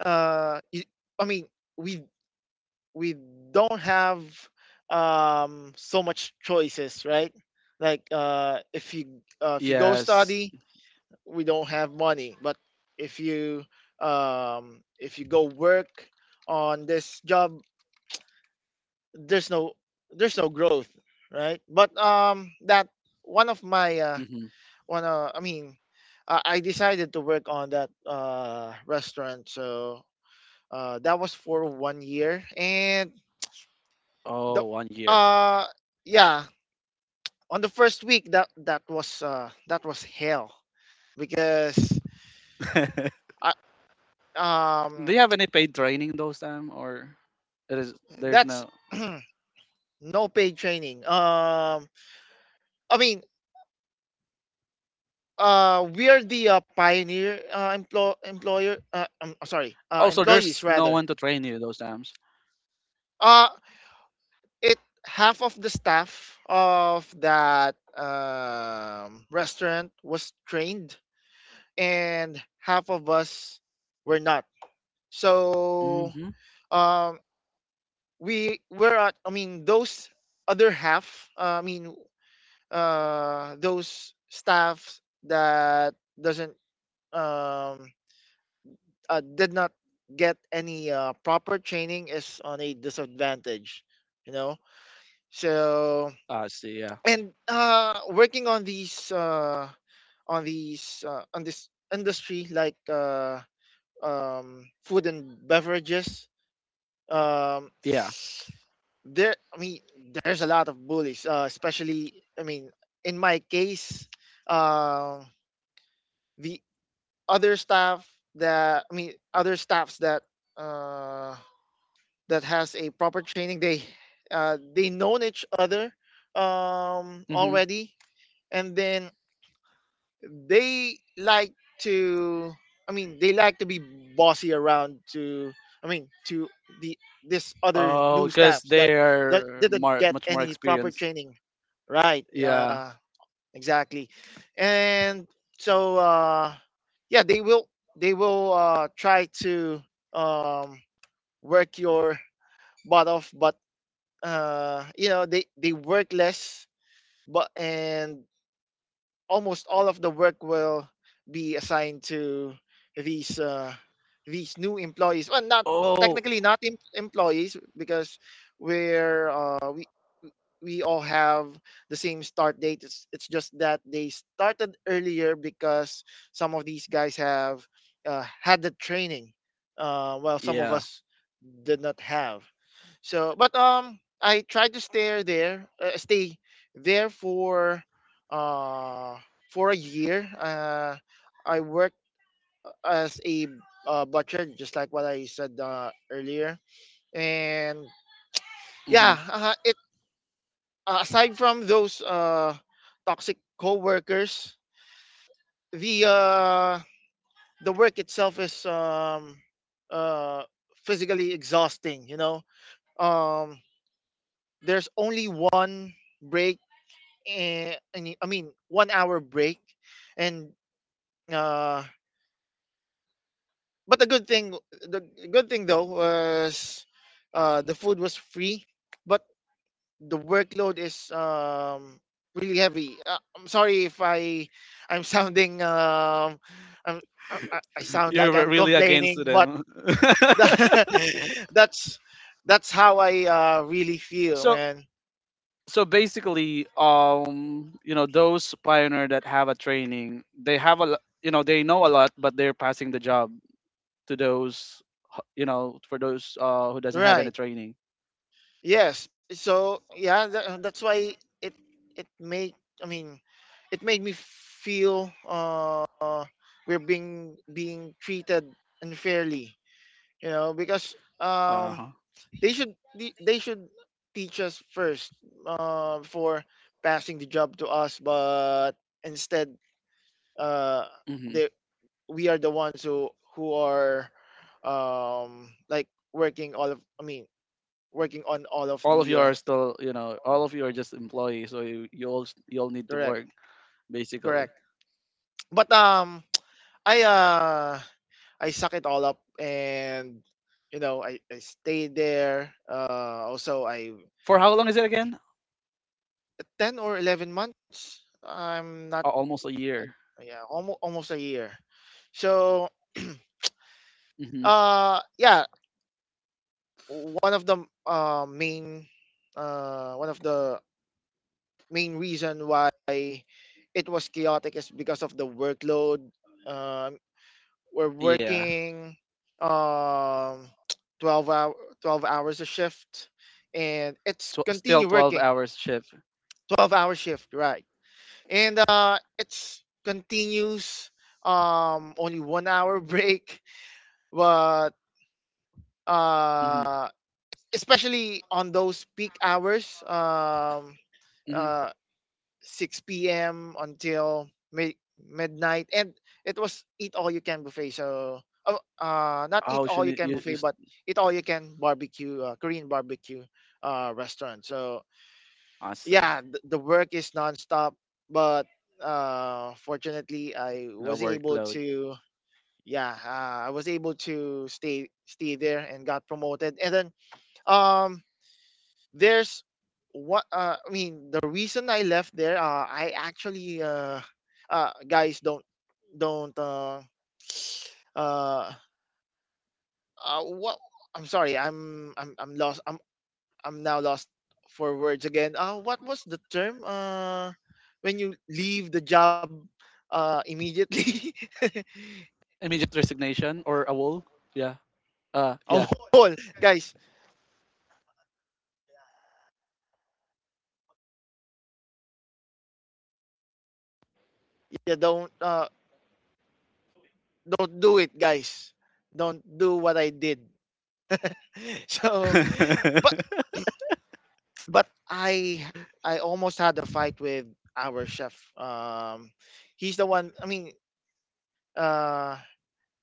[SPEAKER 2] uh, you, I mean, we we don't have so much choices, right? Like if you, if you go
[SPEAKER 1] Yes.
[SPEAKER 2] study, we don't have money, but if you, if you go work on this job, there's no there's no growth, right? But that, one of my
[SPEAKER 1] Hmm.
[SPEAKER 2] one I mean I decided to work on that restaurant. So that was for 1 year. And the
[SPEAKER 1] Oh, one year.
[SPEAKER 2] uh yeah, on the first week, that was hell, because
[SPEAKER 1] Do
[SPEAKER 2] I, um
[SPEAKER 1] you have any paid training those time, or it is, there's
[SPEAKER 2] that's
[SPEAKER 1] no.
[SPEAKER 2] no paid training. I mean, we are the pioneer emplo- employer. Oh, sorry,
[SPEAKER 1] Oh, so
[SPEAKER 2] employees
[SPEAKER 1] there's no
[SPEAKER 2] rather.
[SPEAKER 1] one to train you those times.
[SPEAKER 2] Uh, it Half of the staff of that restaurant was trained, and half of us were not. So
[SPEAKER 1] Mm-hmm.
[SPEAKER 2] um, we were at. I mean, those other half. I mean, those staff that doesn't um, did not get any proper training is on a disadvantage, you know. So,
[SPEAKER 1] I see. Yeah.
[SPEAKER 2] and working on these on these on this industry, like food and beverages, um,
[SPEAKER 1] Yeah.
[SPEAKER 2] there I mean, there's a lot of bullies, especially, I mean, in my case, uh, the other staff that I mean other staffs that uh, that has a proper training. They, they known each other,
[SPEAKER 1] Mm-hmm.
[SPEAKER 2] already, and then they like to. I mean, they like to be bossy around to. I mean, to the this other
[SPEAKER 1] Oh,
[SPEAKER 2] new
[SPEAKER 1] because
[SPEAKER 2] staffs
[SPEAKER 1] they
[SPEAKER 2] that
[SPEAKER 1] are
[SPEAKER 2] didn't
[SPEAKER 1] more,
[SPEAKER 2] get
[SPEAKER 1] much more
[SPEAKER 2] any proper
[SPEAKER 1] experienced.
[SPEAKER 2] training. Right.
[SPEAKER 1] Yeah.
[SPEAKER 2] Exactly. And so, yeah, they will try to um, work your butt off, but you know, they work less, but and almost all of the work will be assigned to these new employees. Well, not
[SPEAKER 1] Oh,
[SPEAKER 2] technically not employees, because we're uh we we all have the same start date. It's just that they started earlier because some of these guys have had the training while some of
[SPEAKER 1] yeah.
[SPEAKER 2] us did not have. So, but I tried to stay there, there for uh for a year. I worked as a butcher, just like what I said earlier. And
[SPEAKER 1] Hmm.
[SPEAKER 2] yeah, it aside from those toxic coworkers, the uh the work itself is uh physically exhausting. You know, um, there's only one break, 1 hour break, and uh, but the good thing though was, the food was free, but the workload is really heavy. I'm sorry if I, I'm sounding I'm, I sound
[SPEAKER 1] You're
[SPEAKER 2] like I'm
[SPEAKER 1] really against
[SPEAKER 2] complaining, but
[SPEAKER 1] them.
[SPEAKER 2] that's that's how I really feel,
[SPEAKER 1] So,
[SPEAKER 2] man.
[SPEAKER 1] so basically, you know, those pioneer that have a training, they have a, you know, they know a lot, but they're passing the job to those, you know, for those who doesn't have any
[SPEAKER 2] Right.
[SPEAKER 1] training.
[SPEAKER 2] Yes, but so yeah, that's why it it made I mean, it made me feel we're being treated unfairly, you know, because
[SPEAKER 1] Uh huh.
[SPEAKER 2] they should, they should teach us first before passing the job to us, but instead uh
[SPEAKER 1] Hmm.
[SPEAKER 2] they we are the ones who are like working all of, I mean, working on all of
[SPEAKER 1] All of
[SPEAKER 2] the
[SPEAKER 1] you are still, you know, all of you are just employees. So you all, you all need to
[SPEAKER 2] Correct,
[SPEAKER 1] work basically.
[SPEAKER 2] correct. But I uh, I suck it all up, and you know, I stayed there. Also I
[SPEAKER 1] For how long is it again?
[SPEAKER 2] 10 or 11 months. I'm not.
[SPEAKER 1] Almost a
[SPEAKER 2] Uh,
[SPEAKER 1] year.
[SPEAKER 2] yeah, almost a year. So,
[SPEAKER 1] Hmm.
[SPEAKER 2] yeah, one of the main one of the main reason why it was chaotic is because of the workload. Um, we're
[SPEAKER 1] Yeah.
[SPEAKER 2] working um 12 hour, 12 hours a shift, and it's
[SPEAKER 1] So still
[SPEAKER 2] continue
[SPEAKER 1] twelve
[SPEAKER 2] working
[SPEAKER 1] hours shift.
[SPEAKER 2] 12-hour shift, right? And it's continues, only 1 hour break, but
[SPEAKER 1] Hmm,
[SPEAKER 2] uh especially on those peak hours,
[SPEAKER 1] hmm.
[SPEAKER 2] uh 6 p.m. until midnight, and it was eat all you can buffet. So, oh, not eat
[SPEAKER 1] Oh, you
[SPEAKER 2] all you
[SPEAKER 1] need
[SPEAKER 2] can
[SPEAKER 1] you, you
[SPEAKER 2] buffet, but eat all you can barbecue, Korean barbecue restaurant. So,
[SPEAKER 1] I see.
[SPEAKER 2] yeah, the work is nonstop, but fortunately, I
[SPEAKER 1] A
[SPEAKER 2] was able
[SPEAKER 1] workload.
[SPEAKER 2] to. Yeah, I was able to stay there and got promoted, and then um there's what I mean, the reason I left there, I actually guys, don't uh, what I'm sorry, I'm lost. I'm now lost for words again. What was the term when you leave the job immediately?
[SPEAKER 1] Immediate resignation or a wall? Yeah. Uh,
[SPEAKER 2] Oh,
[SPEAKER 1] yeah.
[SPEAKER 2] guys, yeah, don't do it, guys. Don't do what I did. So, but But I I almost had a fight with our chef. He's the one. I mean, uh,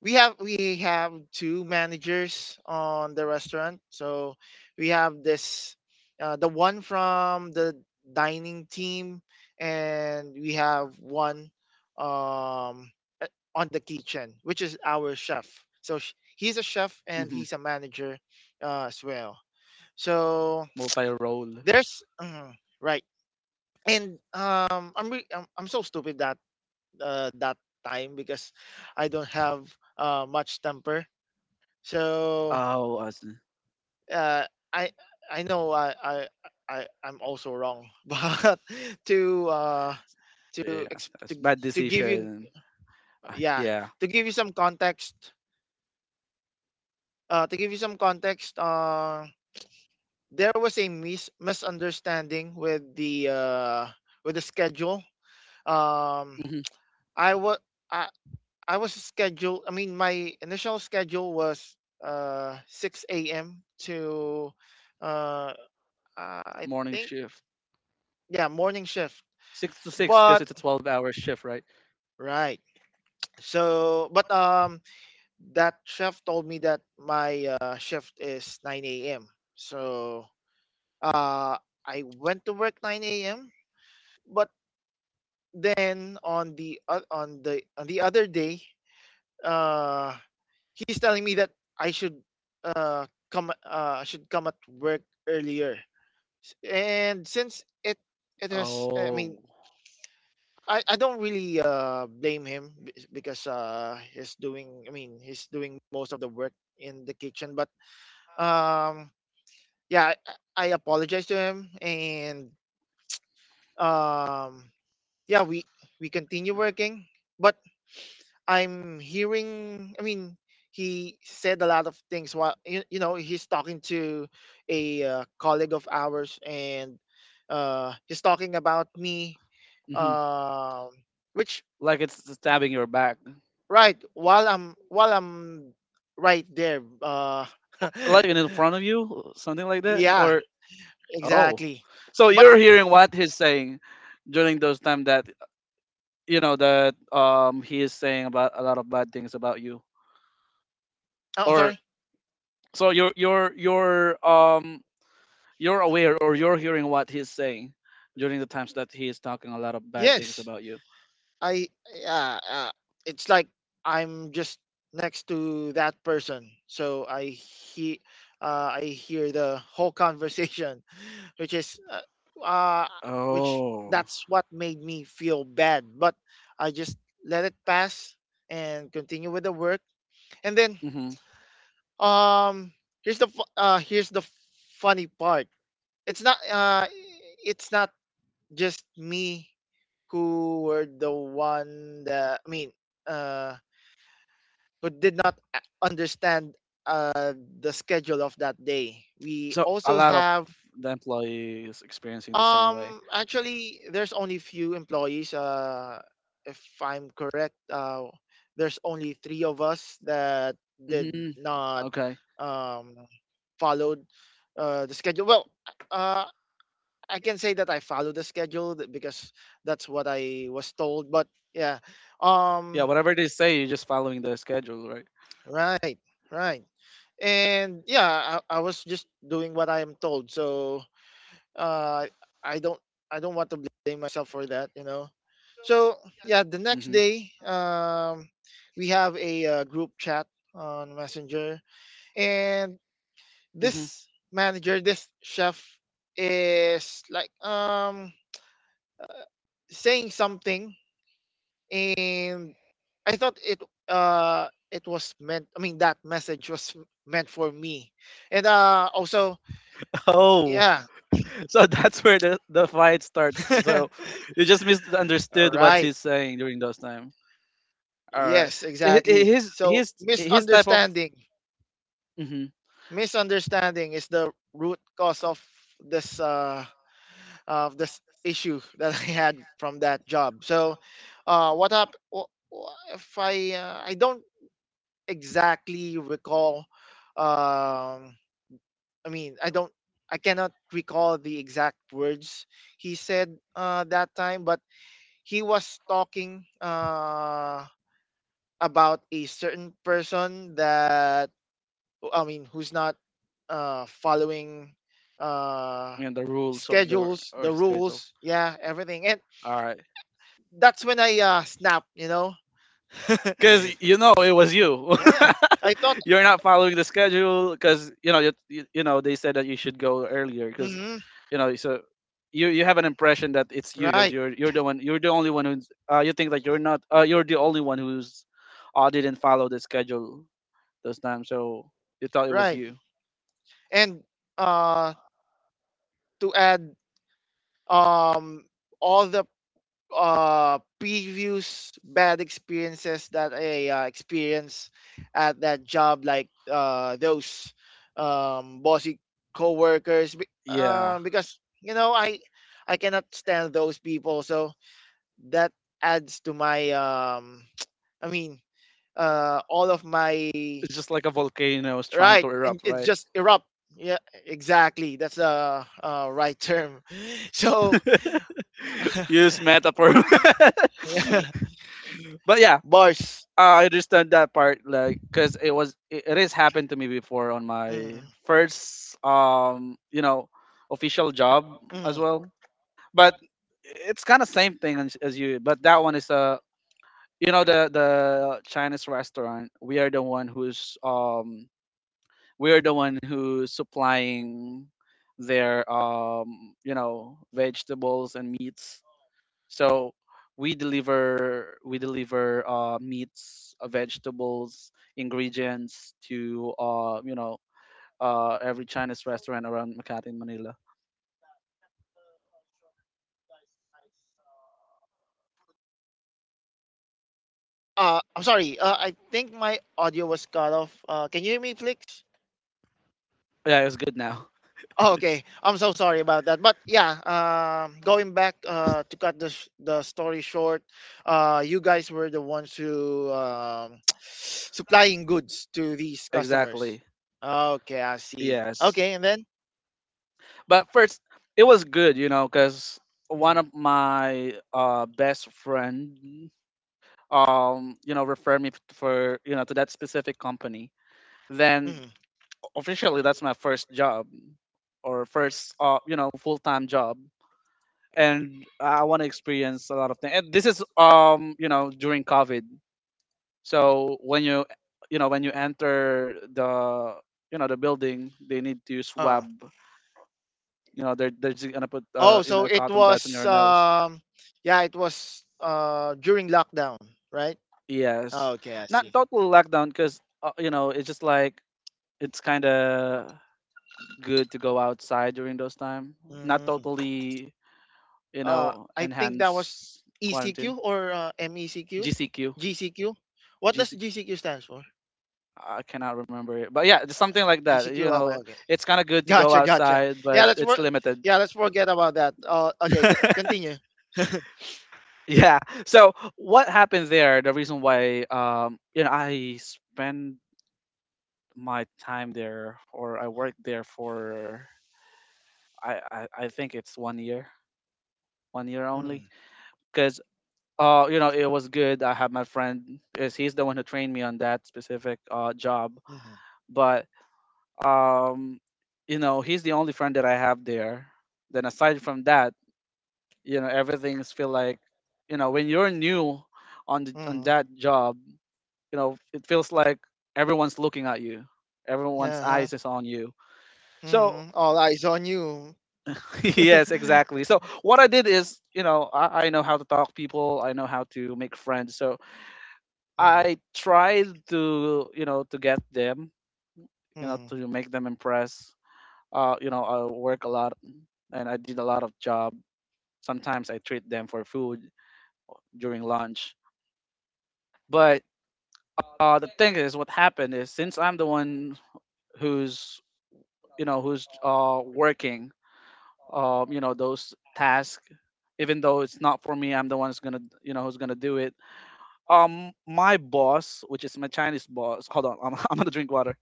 [SPEAKER 2] we have two managers on the restaurant. So we have this the one from the dining team, and we have one um, uh, on the kitchen, which is our chef. So he's a chef and
[SPEAKER 1] Mm-hmm.
[SPEAKER 2] he's a manager as well. So
[SPEAKER 1] Multi role.
[SPEAKER 2] there's mhm, right. And, I'm re I'm so stupid that time because I don't have much temper. So,
[SPEAKER 1] Oh, I see.
[SPEAKER 2] uh, I I know I'm also wrong, but to, uh, to
[SPEAKER 1] Yeah,
[SPEAKER 2] ex to
[SPEAKER 1] that's
[SPEAKER 2] gi
[SPEAKER 1] bad
[SPEAKER 2] to give you
[SPEAKER 1] decision.
[SPEAKER 2] yeah,
[SPEAKER 1] Yeah.
[SPEAKER 2] to give you some context, uh, to give you some context, uh, there was a misunderstanding with the schedule. Um,
[SPEAKER 1] Hmm.
[SPEAKER 2] I was I I was scheduled. I mean, my initial schedule was 6 a.m. to uh I
[SPEAKER 1] Morning
[SPEAKER 2] think
[SPEAKER 1] shift.
[SPEAKER 2] yeah morning shift.
[SPEAKER 1] Six to six, because
[SPEAKER 2] But
[SPEAKER 1] it's a 12-hour shift, right?
[SPEAKER 2] right. So but that chef told me that my shift is 9 a.m. So uh I went to work 9 a.m. But then on the o- on the other day, uh he's telling me that I should uh come should come at work earlier. And since it has I mean
[SPEAKER 1] Oh.
[SPEAKER 2] I don't really blame him, because he's doing, I mean, he's doing most of the work in the kitchen. But um yeah, I apologize to him, and um yeah, we continue working, but I'm hearing, I mean, he said a lot of things while he's talking to a colleague of ours, and he's talking about me,
[SPEAKER 1] Hmm.
[SPEAKER 2] um which,
[SPEAKER 1] Like it's stabbing your back,
[SPEAKER 2] right, while I'm right there,
[SPEAKER 1] Like in front of you, something like that,
[SPEAKER 2] yeah,
[SPEAKER 1] or oh.
[SPEAKER 2] exactly.
[SPEAKER 1] So
[SPEAKER 2] But
[SPEAKER 1] you're hearing what he's saying during those time, that you know that he is saying about a lot of bad things about you.
[SPEAKER 2] oh, I'm
[SPEAKER 1] Or
[SPEAKER 2] sorry.
[SPEAKER 1] so you're you're aware, or you're hearing what he's saying during the times that he is talking a lot of bad things
[SPEAKER 2] Yes.
[SPEAKER 1] about you.
[SPEAKER 2] I yeah, uh, it's like I'm just next to that person, so I hear the whole conversation, which is uh, which
[SPEAKER 1] Oh.
[SPEAKER 2] that's what made me feel bad, but I just let it pass and continue with the work. And then
[SPEAKER 1] Hmm.
[SPEAKER 2] um here's the funny part. It's not uh it's not just me who were the one that, I mean, uh, who did not understand the schedule of that day. We
[SPEAKER 1] So a
[SPEAKER 2] also
[SPEAKER 1] lot of
[SPEAKER 2] have
[SPEAKER 1] the employees experiencing the same way.
[SPEAKER 2] Actually, there's only few employees. If I'm correct, there's only three of us that did
[SPEAKER 1] Hmm.
[SPEAKER 2] not
[SPEAKER 1] Okay.
[SPEAKER 2] um followed the schedule. Well, uh, I can say that I followed the schedule because that's what I was told. But yeah.
[SPEAKER 1] Yeah,
[SPEAKER 2] um
[SPEAKER 1] whatever they say, you're just following the schedule, right?
[SPEAKER 2] Right, right. And yeah, I was just doing what I am told. So uh, I don't I don't want to blame myself for that. So yeah, the next
[SPEAKER 1] Hmm,
[SPEAKER 2] day, we have a group chat on Messenger, and
[SPEAKER 1] hmm.
[SPEAKER 2] this manager, this chef, is like uh, saying something. And I thought it was meant, I mean, that message was meant for me. And also
[SPEAKER 1] Oh,
[SPEAKER 2] yeah.
[SPEAKER 1] so that's where the fight starts. So you just
[SPEAKER 2] All
[SPEAKER 1] misunderstood what
[SPEAKER 2] right.
[SPEAKER 1] he's saying during those time. All right,
[SPEAKER 2] Yes,
[SPEAKER 1] Hi- hi-
[SPEAKER 2] exactly.
[SPEAKER 1] his
[SPEAKER 2] So
[SPEAKER 1] his his type of
[SPEAKER 2] misunderstanding.
[SPEAKER 1] hmm
[SPEAKER 2] Misunderstanding is the root cause this uh of this issue that I had from that job. So, what up? If I I don't exactly recall, um I mean, I cannot recall the exact words he said that time, but he was talking about a certain person that, I mean, who's not following uh,
[SPEAKER 1] and the rules of the
[SPEAKER 2] schedules,
[SPEAKER 1] or
[SPEAKER 2] the
[SPEAKER 1] schedule.
[SPEAKER 2] rules, yeah, everything. And
[SPEAKER 1] All right,
[SPEAKER 2] that's when I snapped, you know?
[SPEAKER 1] because you know it was you.
[SPEAKER 2] Yeah. I thought.
[SPEAKER 1] You're not following the schedule because you know you you know they said that you should go earlier because
[SPEAKER 2] Hmm.
[SPEAKER 1] you know, so you have an impression that it's you because
[SPEAKER 2] Right.
[SPEAKER 1] you're the one, you're the only one who's you think that you're not you're the only one who's didn't follow the schedule those times, so you thought it was
[SPEAKER 2] Right.
[SPEAKER 1] you.
[SPEAKER 2] And uh to add, um all the previous bad experiences that I experienced at that job, like those bossy coworkers,
[SPEAKER 1] Yeah,
[SPEAKER 2] because I cannot stand those people, so that adds to my I mean, all of my
[SPEAKER 1] it's just like a volcano is trying
[SPEAKER 2] right,
[SPEAKER 1] to
[SPEAKER 2] and
[SPEAKER 1] erupt,
[SPEAKER 2] it
[SPEAKER 1] right?
[SPEAKER 2] just erupt. Yeah, exactly. That's the right term. So,
[SPEAKER 1] Use metaphor.
[SPEAKER 2] yeah,
[SPEAKER 1] But yeah,
[SPEAKER 2] bars.
[SPEAKER 1] I understand that part. Like, because it has happened to me before on my
[SPEAKER 2] Mm.
[SPEAKER 1] first official job
[SPEAKER 2] Mhm.
[SPEAKER 1] as well, but it's kind of same thing as you. But that one is the Chinese restaurant. We are the one who's we are the one who's supplying their vegetables and meats. So we deliver meats, vegetables, ingredients to every Chinese restaurant around Makati in Manila.
[SPEAKER 2] I'm sorry. I think my audio was cut off. Can you hear me, Flix?
[SPEAKER 1] Yeah, it's good now.
[SPEAKER 2] Oh, okay. I'm so sorry about that. But yeah, going back, to cut the story short, you guys were the ones who, supplying goods to these customers.
[SPEAKER 1] Exactly.
[SPEAKER 2] Okay, I see.
[SPEAKER 1] Yes.
[SPEAKER 2] Okay, and then.
[SPEAKER 1] But first, it was good, you know, because one
[SPEAKER 2] Mhm.
[SPEAKER 1] of my best friend, you know, referred me for to that specific company. Then
[SPEAKER 2] Mhm.
[SPEAKER 1] officially, that's my first job, or first, you know, full time job, and I want to experience a lot of things. And this is, you know, during COVID. So when when you enter the building, they need to
[SPEAKER 2] Uh,
[SPEAKER 1] swab. They're just gonna put
[SPEAKER 2] oh, so it
[SPEAKER 1] cotton buds on
[SPEAKER 2] was
[SPEAKER 1] your nose.
[SPEAKER 2] yeah, it was during lockdown, right?
[SPEAKER 1] Yes,
[SPEAKER 2] Okay, I
[SPEAKER 1] not
[SPEAKER 2] see.
[SPEAKER 1] total lockdown because you know, it's just like, it's kind of good to go outside during those time. Not
[SPEAKER 2] Mm.
[SPEAKER 1] totally, you know,
[SPEAKER 2] I think that was
[SPEAKER 1] enhanced quarantine.
[SPEAKER 2] ECQ, or MECQ?
[SPEAKER 1] GCQ,
[SPEAKER 2] GCQ? What does
[SPEAKER 1] GCQ.
[SPEAKER 2] GCQ stands for?
[SPEAKER 1] I cannot remember it, but yeah, it's something like that.
[SPEAKER 2] GCQ.
[SPEAKER 1] You
[SPEAKER 2] Okay,
[SPEAKER 1] know,
[SPEAKER 2] okay.
[SPEAKER 1] it's kind of good to go
[SPEAKER 2] Gotcha, gotcha.
[SPEAKER 1] outside,
[SPEAKER 2] Yeah,
[SPEAKER 1] but
[SPEAKER 2] let's
[SPEAKER 1] it's
[SPEAKER 2] work.
[SPEAKER 1] limited.
[SPEAKER 2] Yeah, let's forget about that. Okay, continue.
[SPEAKER 1] Yeah. So what happened there? The reason why, you know, I spend my time there, or I worked there for I think it's 1 year, 1 year only.
[SPEAKER 2] Mm,
[SPEAKER 1] Because it was good. I had my friend, is he's the one who trained me on that specific job,
[SPEAKER 2] mm-hmm,
[SPEAKER 1] but um he's the only friend that I have there. Then aside from that, you know, everything's feel like, you know, when you're new on on
[SPEAKER 2] mm-hmm,
[SPEAKER 1] that job, you know, it feels like everyone's looking at you. Everyone's
[SPEAKER 2] uh-huh,
[SPEAKER 1] eyes is on you. So
[SPEAKER 2] mm-hmm. All eyes on you.
[SPEAKER 1] yes, exactly. So what I did is, you know, I know how to talk people. I know how to make friends. So
[SPEAKER 2] Mm-hmm,
[SPEAKER 1] I tried to get them, you know,
[SPEAKER 2] mm-hmm.
[SPEAKER 1] to make them impress. You know, I work a lot, and I did a lot of job. Sometimes I treat them for food during lunch. But the thing is, what happened is, since I'm the one who's, who's working, you know, those tasks, even though it's not for me, I'm the one who's gonna do it. My boss, which is my Chinese boss — hold on, I'm, I'm gonna drink water.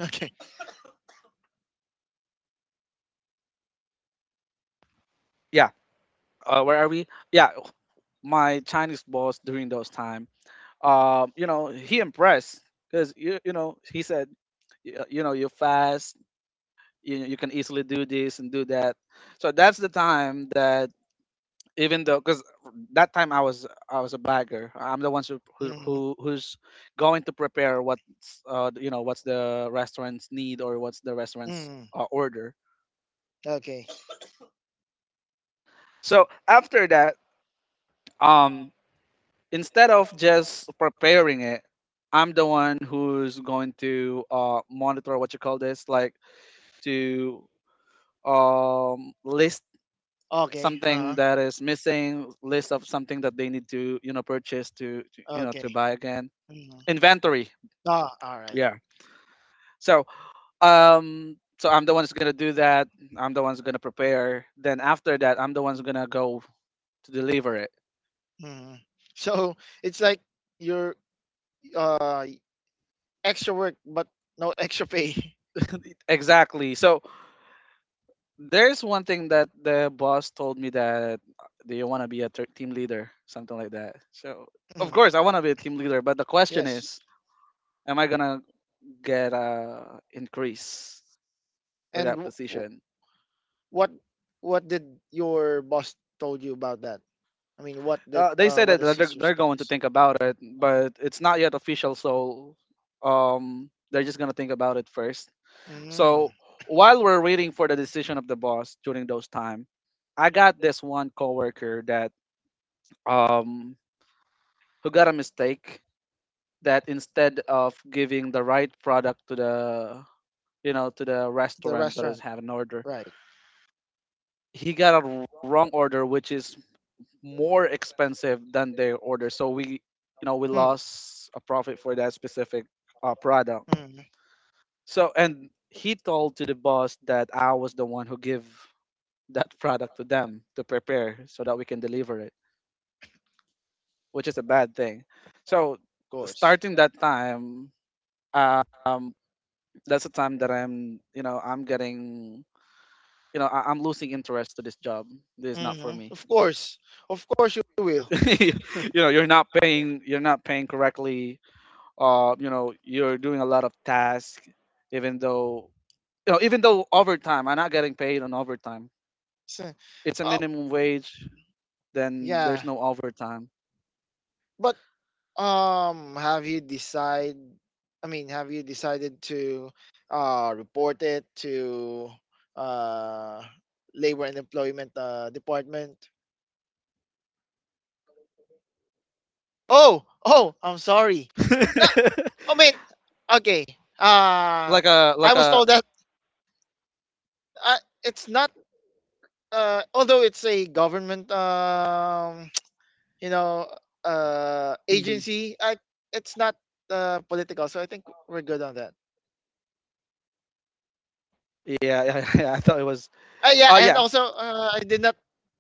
[SPEAKER 2] Okay.
[SPEAKER 1] Yeah, where are we? Yeah, my Chinese boss during those time. You know, he impressed because you know, he said, you know, you're fast, you can easily do this and do that." So that's the time that, even though, because that time I was a bagger. I'm the ones who who
[SPEAKER 2] Mm-hmm,
[SPEAKER 1] who- who's going to prepare what's, what's the restaurants need, or what's the restaurants
[SPEAKER 2] mm-hmm.
[SPEAKER 1] order.
[SPEAKER 2] Okay.
[SPEAKER 1] So after that, um, instead of just preparing it, I'm the one who's going to, monitor, what you call this, like to, list
[SPEAKER 2] Okay. Uh
[SPEAKER 1] something
[SPEAKER 2] huh.
[SPEAKER 1] that is missing, list of something that they need to, you know, purchase, to you know
[SPEAKER 2] Okay.
[SPEAKER 1] to buy again,
[SPEAKER 2] Mhm.
[SPEAKER 1] inventory.
[SPEAKER 2] Ah, all right.
[SPEAKER 1] Yeah. So, so I'm the one who's gonna do that. I'm the one who's gonna prepare. Then after that, I'm the one who's gonna go to deliver it.
[SPEAKER 2] Mhm. So it's like you're, uh extra work but no extra pay.
[SPEAKER 1] Exactly. So there's one thing that the boss told me, that, do you want to be a team leader, something like that? So of
[SPEAKER 2] Mhm.
[SPEAKER 1] course I want to be a team leader, but the question
[SPEAKER 2] Yes.
[SPEAKER 1] is, am I gonna get a increase for
[SPEAKER 2] And
[SPEAKER 1] that position?
[SPEAKER 2] what what did your boss told you about that? I mean,
[SPEAKER 1] They said
[SPEAKER 2] what
[SPEAKER 1] that
[SPEAKER 2] is
[SPEAKER 1] they're,
[SPEAKER 2] his
[SPEAKER 1] they're going to
[SPEAKER 2] response?
[SPEAKER 1] think about it, but it's not yet official, so, they're just gonna think about it first.
[SPEAKER 2] Mm.
[SPEAKER 1] So while we're waiting for the decision of the boss during those time, I got this one coworker that, um who got a mistake, that instead of giving the right product to the you know to the
[SPEAKER 2] The
[SPEAKER 1] restaurant that is
[SPEAKER 2] restaurant,
[SPEAKER 1] having an order,
[SPEAKER 2] right?
[SPEAKER 1] he got a wrong order, which is more expensive than their order, so we you know we
[SPEAKER 2] Hmm.
[SPEAKER 1] lost a profit for that specific product.
[SPEAKER 2] Mm. Of
[SPEAKER 1] So, and he told to the boss that I was the one who give that product to them to prepare so that we can deliver it, which is a bad thing. So
[SPEAKER 2] course.
[SPEAKER 1] starting that time, um that's the time that I'm getting, you know, I'm losing interest to this job. This is not for
[SPEAKER 2] Hmm.
[SPEAKER 1] me.
[SPEAKER 2] Of course. Of course you will.
[SPEAKER 1] you you're not paying, you're not paying correctly. You know, you're doing a lot of tasks, even though, you know, even though, overtime, I'm not getting paid on overtime.
[SPEAKER 2] So-
[SPEAKER 1] It's a
[SPEAKER 2] oh,
[SPEAKER 1] minimum wage. Then. Yeah. There's
[SPEAKER 2] yeah.
[SPEAKER 1] no overtime.
[SPEAKER 2] But have you decide? I mean, have you decided to report it to uh, labor and employment department? Oh, oh, I'm sorry. No, I mean, okay. Uh,
[SPEAKER 1] like a,
[SPEAKER 2] I
[SPEAKER 1] like
[SPEAKER 2] was
[SPEAKER 1] a,
[SPEAKER 2] told that uh, it's not. Although it's a government, you know,
[SPEAKER 1] Mhm.
[SPEAKER 2] agency, it's not political. So I think we're good on that.
[SPEAKER 1] Yeah, yeah, yeah. I thought it was.
[SPEAKER 2] Yeah,
[SPEAKER 1] Oh
[SPEAKER 2] and
[SPEAKER 1] yeah.
[SPEAKER 2] also, I did not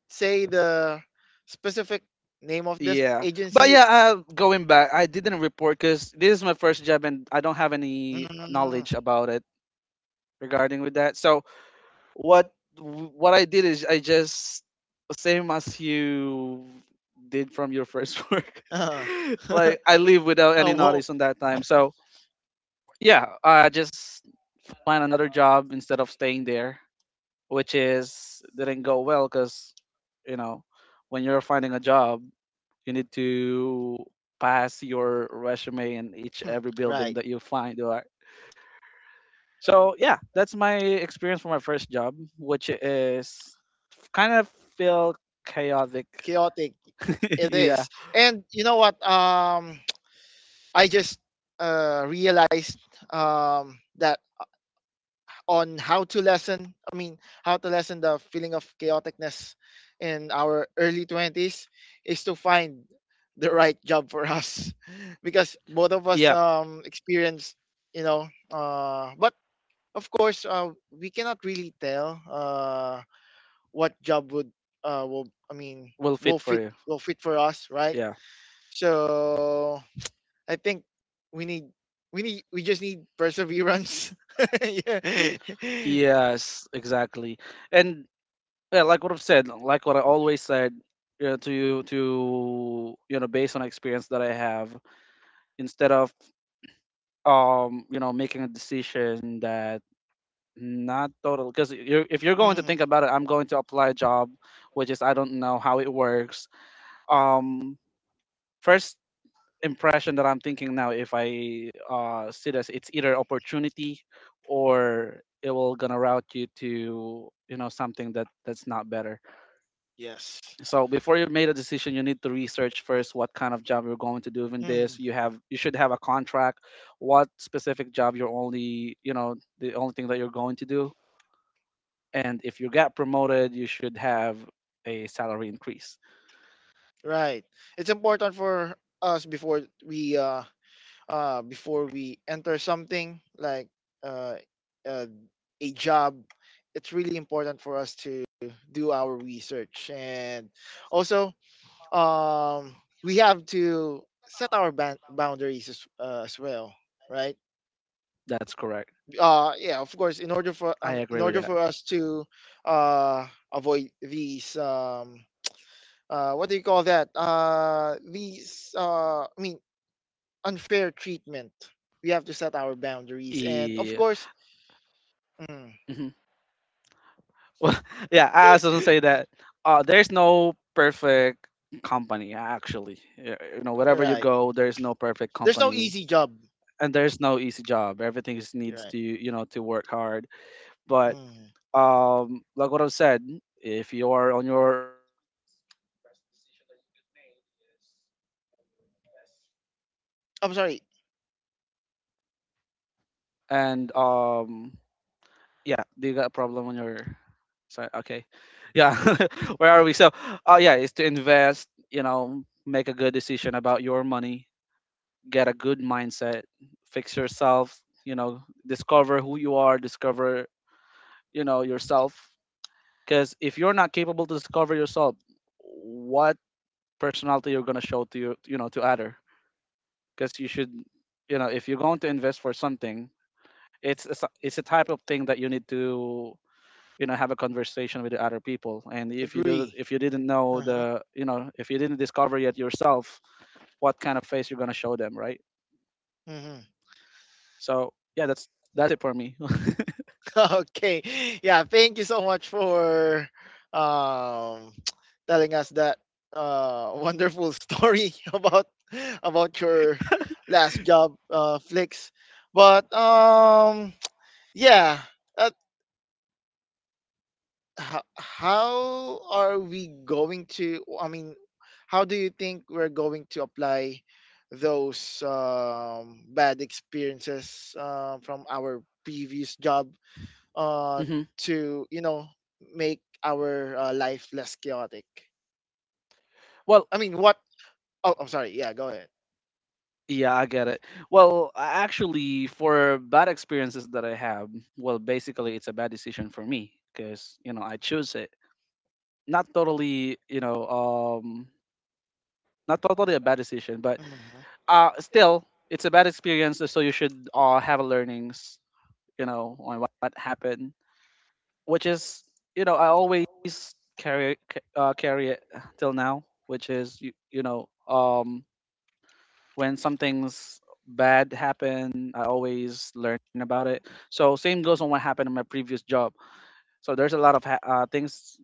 [SPEAKER 2] say the specific name of this
[SPEAKER 1] Yeah, but
[SPEAKER 2] agency.
[SPEAKER 1] yeah, going back, I didn't report because this is my first job and I don't have any
[SPEAKER 2] Mm,
[SPEAKER 1] knowledge about it regarding with that. So what what I did is, I just same as you did from your first work.
[SPEAKER 2] uh, I
[SPEAKER 1] Like, I leave without any
[SPEAKER 2] won't.
[SPEAKER 1] notice on that time. So yeah, I just find another job instead of staying there, which is didn't go well, because you know, when you're finding a job, you need to pass your resume in each
[SPEAKER 2] Hmm.
[SPEAKER 1] every building
[SPEAKER 2] Right.
[SPEAKER 1] that you find or so. Yeah, that's my experience for my first job, which is kind of feel chaotic.
[SPEAKER 2] Chaotic. It
[SPEAKER 1] Yeah.
[SPEAKER 2] is. And you know what? I just realized, that on how to lessen the feeling of chaoticness in our early 20s is to find the right job for us, because both of us
[SPEAKER 1] Yeah,
[SPEAKER 2] experienced, but of course, we cannot really tell what job would will, I mean,
[SPEAKER 1] will
[SPEAKER 2] will
[SPEAKER 1] fit for
[SPEAKER 2] fit
[SPEAKER 1] you.
[SPEAKER 2] will fit for us, right.
[SPEAKER 1] Yeah.
[SPEAKER 2] So I think we need we just need perseverance. Yeah.
[SPEAKER 1] Yes, exactly. And yeah, like what I've said, like what I always said, to you know based on experience that I have, instead of, you know, making a decision that not total, because if you're going to
[SPEAKER 2] Mhm.
[SPEAKER 1] think about it, I'm going to apply a job which is, I don't know how it works. um First impression that I'm thinking now, if I see this, it's either opportunity, or it will gonna route you to, you know, something that, that's not better.
[SPEAKER 2] Yes.
[SPEAKER 1] So before you made a decision, you need to research first what kind of job you're going to do in this.
[SPEAKER 2] Mhm.
[SPEAKER 1] You should have a contract. What specific job, you're only you know the only thing that you're going to do. And if you got promoted, you should have a salary increase.
[SPEAKER 2] Right. It's important for us before we enter something like uh, uh a job. It's really important for us to do our research, and also, um we have to set our boundaries as well, right?
[SPEAKER 1] That's correct.
[SPEAKER 2] Yeah, of course,
[SPEAKER 1] I
[SPEAKER 2] in
[SPEAKER 1] agree with
[SPEAKER 2] order
[SPEAKER 1] that.
[SPEAKER 2] for us to uh avoid these, what do you call that, these, unfair treatment. We have to set our boundaries, and of
[SPEAKER 1] Yeah.
[SPEAKER 2] course, mm,
[SPEAKER 1] Mm-hmm. Well, yeah, I also don't say that. There's no perfect company, actually. You know, wherever you
[SPEAKER 2] right,
[SPEAKER 1] go, there's no perfect
[SPEAKER 2] there's no
[SPEAKER 1] company,
[SPEAKER 2] easy job.
[SPEAKER 1] and there's no easy job. Everything is,
[SPEAKER 2] You're
[SPEAKER 1] needs
[SPEAKER 2] right.
[SPEAKER 1] to, you know, to work hard. But
[SPEAKER 2] Mm.
[SPEAKER 1] like what I've said, if you are on your early 20s, best decision that you could made is to invest.
[SPEAKER 2] I'm sorry.
[SPEAKER 1] And yeah, do you got a problem on your, sorry, okay, yeah, where are we? So oh yeah, is to invest, make a good decision about your money, get a good mindset, fix yourself, discover who you are, discover, yourself. Because if you're not capable to discover yourself, what personality you're going to show to you, you know to other? Because you should, if you're going to invest for something, it's it's a type of thing that you need to, have a conversation with the other people. And if you do,
[SPEAKER 2] Agree.
[SPEAKER 1] if you didn't know
[SPEAKER 2] Uh-huh.
[SPEAKER 1] the, if you didn't discover yet yourself, what kind of face you're going to show them, right?
[SPEAKER 2] Mhm.
[SPEAKER 1] So yeah, that's it for me.
[SPEAKER 2] Okay. Yeah, thank you so much for, um telling us that wonderful story about your last job, Flicks. But yeah, uh, ho- how are we going to I mean, how do you think we're going to apply those bad experiences from our previous job, uh, to make our life less chaotic.
[SPEAKER 1] Well
[SPEAKER 2] I mean, what? Oh, I'm sorry. Yeah, go ahead.
[SPEAKER 1] yeah, I get it. Well, actually, for bad experiences that I have, well basically it's a bad decision for me, because I choose it, not totally, not totally a bad decision, but
[SPEAKER 2] Hmm.
[SPEAKER 1] still it's a bad experience. So you should, have a learning, on what happened, which is, I always carry carry it till now, which is, when something's bad happen, I always learn about it. So same goes on what happened in my previous job. So there's a lot of things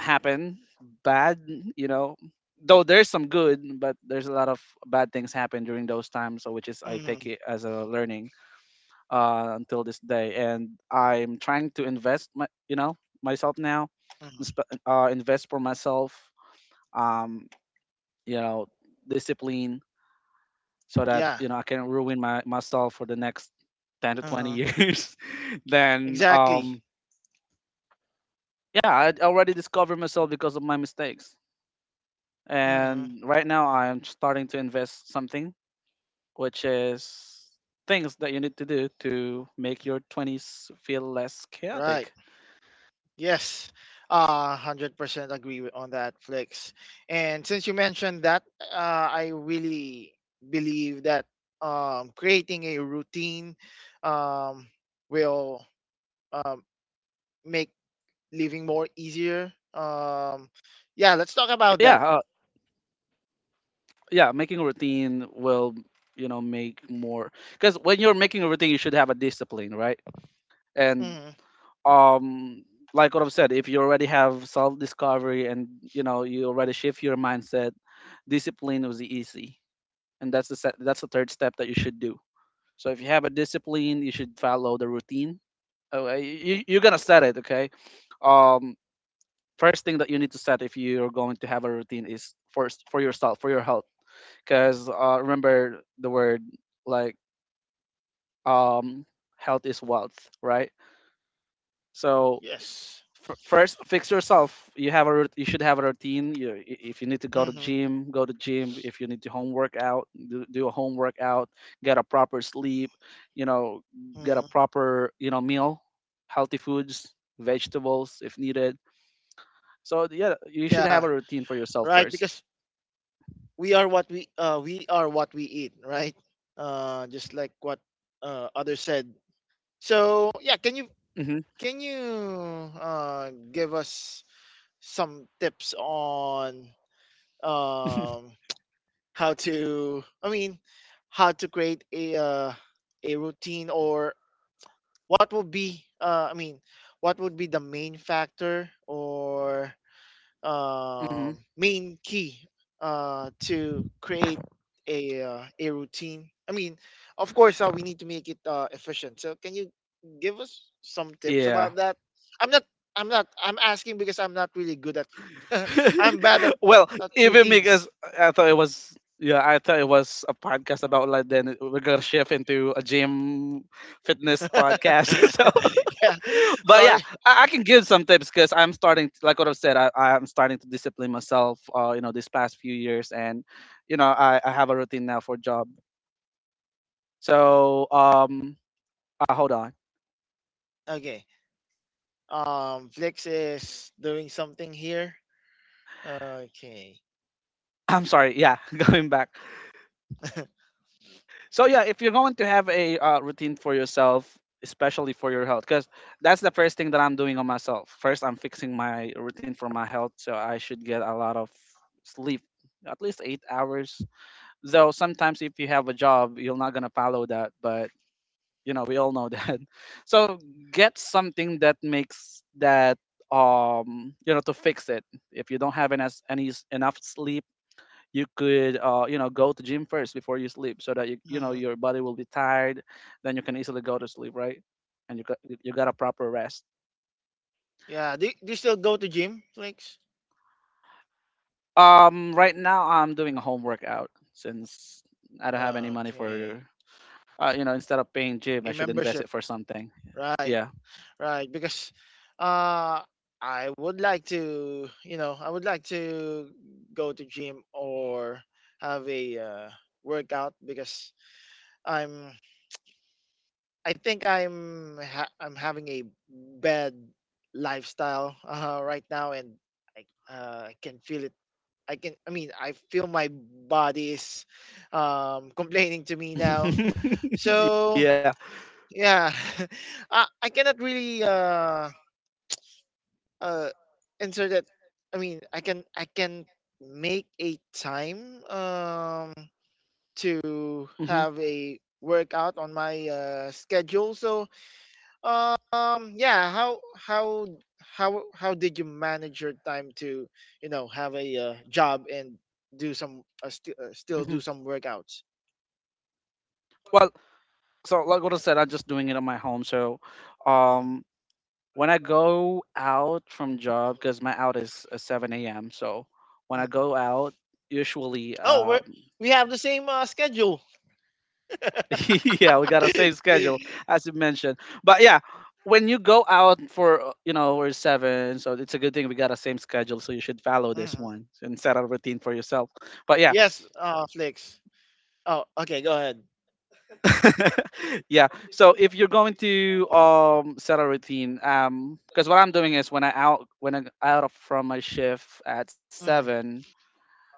[SPEAKER 1] happen bad, you know, though there's some good, but there's a lot of bad things happen during those times. So which is I
[SPEAKER 2] Hmm.
[SPEAKER 1] take it as a learning until this day. And I'm trying to invest my, myself now,
[SPEAKER 2] Hmm.
[SPEAKER 1] invest for myself, um you know discipline, so that
[SPEAKER 2] Yeah.
[SPEAKER 1] I can ruin my myself for the next 10 to 20
[SPEAKER 2] Uh-huh.
[SPEAKER 1] years. Then
[SPEAKER 2] Exactly.
[SPEAKER 1] yeah, I already discovered myself because of my mistakes,
[SPEAKER 2] Hmm.
[SPEAKER 1] and right now I am starting to invest something, which is things that you need to do to make your 20s feel less
[SPEAKER 2] Right.
[SPEAKER 1] chaotic.
[SPEAKER 2] Yes, 100% agree with, on that, Flex. And since you mentioned that, I really believe that, creating a routine, um, will, um, make living more easier. Yeah, let's talk about that.
[SPEAKER 1] Yeah. Yeah, making a routine will, make more, because when you're making a routine you should have a discipline, right? And
[SPEAKER 2] Hmm.
[SPEAKER 1] um like what I've said, if you already have self-discovery and you already shift your mindset, discipline was easy, and that's the third step that you should do. So if you have a discipline you should follow the routine. Okay, you're gonna set it. Okay, um first thing that you need to set if you're going to have a routine is first for yourself, for your health. Because remember the word like, um health is wealth, right? So
[SPEAKER 2] Yes.
[SPEAKER 1] first, fix yourself. You have a you should have a routine. If you need to go to
[SPEAKER 2] Hmm.
[SPEAKER 1] gym, go to gym. If you need to home workout, do a home workout. Get a proper sleep, you know get a
[SPEAKER 2] Hmm.
[SPEAKER 1] proper, meal, healthy foods, vegetables if needed. So yeah, you should
[SPEAKER 2] Yeah.
[SPEAKER 1] have a routine for yourself
[SPEAKER 2] Right.
[SPEAKER 1] 1st.
[SPEAKER 2] Because we are what we eat. Right. Just like what others said. So yeah,
[SPEAKER 1] Mm-hmm,
[SPEAKER 2] can you give us some tips on, um, how to? I mean, how to create a routine, or what would be? I mean, what would be the main factor, or,
[SPEAKER 1] mm-hmm.
[SPEAKER 2] main key to create a routine. I mean, of course, we need to make it efficient. So, can you give us some tips about
[SPEAKER 1] Yeah.
[SPEAKER 2] that? I'm not. I'm not. I'm asking because I'm not really good at. I'm bad at,
[SPEAKER 1] Well,
[SPEAKER 2] at
[SPEAKER 1] even
[SPEAKER 2] routines.
[SPEAKER 1] because I thought it was, yeah, I thought it was a podcast about like, then we're gonna shift into a gym fitness podcast. So,
[SPEAKER 2] Yeah.
[SPEAKER 1] but yeah,
[SPEAKER 2] Sorry.
[SPEAKER 1] I can give some tips, because I'm like what I've said. I'm starting to discipline myself these past few years, and I have a routine now for job. So hold on.
[SPEAKER 2] Okay. Flix is doing something here. Okay.
[SPEAKER 1] I'm sorry. Yeah, going back. So yeah, if you're going to have a routine for yourself, especially for your health, because that's the first thing that I'm doing on myself. First, I'm fixing my routine for my health, so I should get a lot of sleep, at least 8 hours. Though sometimes if you have a job, you're not gonna follow that, but we all know that. So get something that makes that, to fix it. If you don't have enough sleep, you could, go to gym first before you sleep, so that
[SPEAKER 2] Mhm.
[SPEAKER 1] your body will be tired, then you can easily go to sleep, right? And you got you got a proper rest.
[SPEAKER 2] Yeah. Do you still go to gym, Flakes?
[SPEAKER 1] Right now I'm doing a home workout, since I don't have any money
[SPEAKER 2] Okay.
[SPEAKER 1] for, instead of paying gym,
[SPEAKER 2] A
[SPEAKER 1] I should invest
[SPEAKER 2] membership.
[SPEAKER 1] it for something.
[SPEAKER 2] Right.
[SPEAKER 1] Yeah.
[SPEAKER 2] Right. Because uh I would like to, I would like to go to gym, or have a workout, because I'm I think I'm having a bad lifestyle right now, and I I can feel it, I mean I feel my body is complaining to me now. So
[SPEAKER 1] Yeah.
[SPEAKER 2] yeah. I cannot really uh answer that. I mean I can make a time, to
[SPEAKER 1] Hmm,
[SPEAKER 2] have a workout on my schedule. So, yeah, how did you manage your time to, have a job and do some still
[SPEAKER 1] hmm.
[SPEAKER 2] do some workouts?
[SPEAKER 1] Well, so like what I said, I'm just doing it on my home. So um when I go out from job, because my out is, 7 a.m. So when I
[SPEAKER 2] Mm.
[SPEAKER 1] go out, usually,
[SPEAKER 2] Oh, we we have the same schedule.
[SPEAKER 1] yeah, we got a same schedule as you mentioned. But yeah, when you go out for, or seven, so it's a good thing we got a same schedule. So you should follow this
[SPEAKER 2] Mhm.
[SPEAKER 1] one and set a routine for yourself. But yeah,
[SPEAKER 2] Yes, Flix. Oh, okay, go ahead.
[SPEAKER 1] yeah. So if you're going to set a routine, because what I'm doing is when I out of from my shift at
[SPEAKER 2] Hmm.
[SPEAKER 1] seven,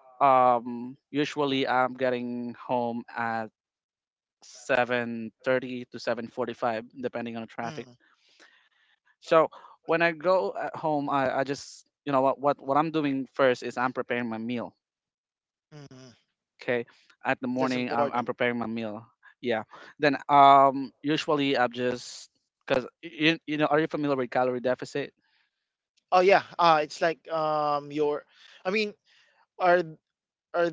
[SPEAKER 1] usually I'm getting home at 7:30 to 7:45 depending on the traffic.
[SPEAKER 2] Hmm.
[SPEAKER 1] So when I go at home, I just, you know what, what I'm doing first is I'm preparing my meal.
[SPEAKER 2] Hmm.
[SPEAKER 1] Okay, at the
[SPEAKER 2] That's
[SPEAKER 1] morning I'm
[SPEAKER 2] important.
[SPEAKER 1] preparing my meal. Yeah. Then usually I'm just, because you know, are you familiar with calorie deficit?
[SPEAKER 2] Oh yeah, it's like, I mean, are are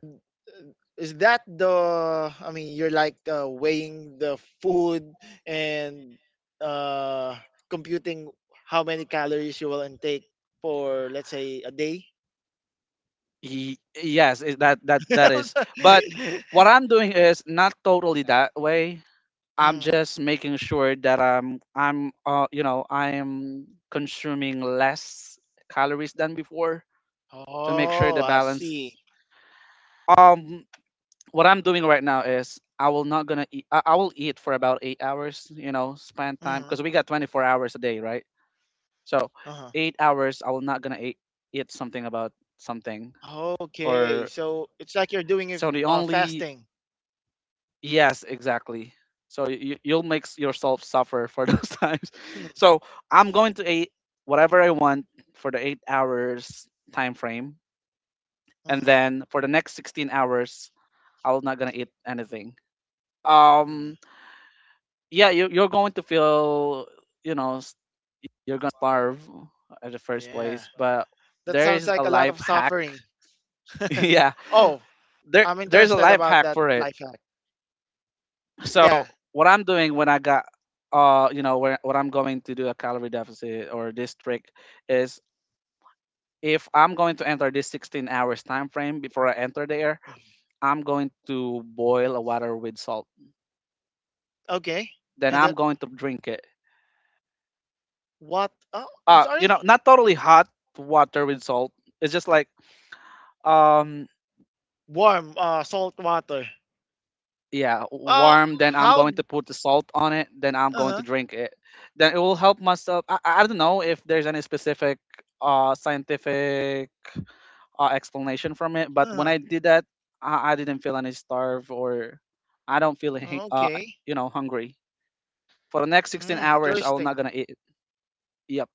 [SPEAKER 2] is that the, I mean, you're like weighing the food and uh computing how many calories you will intake for, let's say, a day.
[SPEAKER 1] Yes, that
[SPEAKER 2] I'm
[SPEAKER 1] is, but
[SPEAKER 2] sorry.
[SPEAKER 1] what I'm doing is not totally that way. I'm
[SPEAKER 2] Mm.
[SPEAKER 1] just making sure that I'm you know I am consuming less calories than before to make sure
[SPEAKER 2] Oh,
[SPEAKER 1] the
[SPEAKER 2] I
[SPEAKER 1] balance.
[SPEAKER 2] see.
[SPEAKER 1] Um, what I'm doing right now is I will not gonna eat. I will eat for about 8 hours. You know, spend time
[SPEAKER 2] Hmm.
[SPEAKER 1] because we got 24 hours a day, right? So
[SPEAKER 2] Uh-huh.
[SPEAKER 1] 8 hours I will not gonna eat, eat something about something
[SPEAKER 2] Okay,
[SPEAKER 1] or
[SPEAKER 2] so it's like you're doing it,
[SPEAKER 1] so the only.
[SPEAKER 2] fasting.
[SPEAKER 1] Yes, exactly. So you'll make yourself suffer for those times. So I'm going to eat whatever I want for the 8 hours time frame, and
[SPEAKER 2] Hmm.
[SPEAKER 1] then for the next 16 hours, I'm not gonna eat anything.
[SPEAKER 2] Hmm.
[SPEAKER 1] Um, yeah, you're going to feel, you know, s- you're gonna starve at the first
[SPEAKER 2] Yeah,
[SPEAKER 1] place, but
[SPEAKER 2] that
[SPEAKER 1] there
[SPEAKER 2] sounds
[SPEAKER 1] is a
[SPEAKER 2] like a lot
[SPEAKER 1] life
[SPEAKER 2] of
[SPEAKER 1] hack.
[SPEAKER 2] suffering.
[SPEAKER 1] Yeah,
[SPEAKER 2] Oh,
[SPEAKER 1] there
[SPEAKER 2] I'm
[SPEAKER 1] there's a
[SPEAKER 2] interested
[SPEAKER 1] life
[SPEAKER 2] about
[SPEAKER 1] hack
[SPEAKER 2] that
[SPEAKER 1] for it.
[SPEAKER 2] life hack.
[SPEAKER 1] So
[SPEAKER 2] Yeah.
[SPEAKER 1] what I'm doing when I got, where what I'm going to do a calorie deficit, or this trick is if I'm going to enter this 16 hours time frame, before I enter there,
[SPEAKER 2] Mm-hmm.
[SPEAKER 1] I'm going to boil a water with salt.
[SPEAKER 2] Okay.
[SPEAKER 1] Then
[SPEAKER 2] And then
[SPEAKER 1] I'm going to drink it.
[SPEAKER 2] what? Oh, I'm sorry.
[SPEAKER 1] Not totally hot water with salt. It's just like, um
[SPEAKER 2] Warm, salt water.
[SPEAKER 1] yeah,
[SPEAKER 2] Uh,
[SPEAKER 1] warm. Then I'm
[SPEAKER 2] how?
[SPEAKER 1] going to put the salt on it. Then I'm
[SPEAKER 2] Uh
[SPEAKER 1] going
[SPEAKER 2] huh.
[SPEAKER 1] to drink it. Then it will help myself. I don't know if there's any specific scientific explanation from it. But
[SPEAKER 2] Uh
[SPEAKER 1] when
[SPEAKER 2] huh.
[SPEAKER 1] I did that, I didn't feel any starve, or I don't feel
[SPEAKER 2] Okay.
[SPEAKER 1] hungry for the next 16
[SPEAKER 2] Hmm.
[SPEAKER 1] hours. I'm not
[SPEAKER 2] Interesting.
[SPEAKER 1] gonna eat. Yep.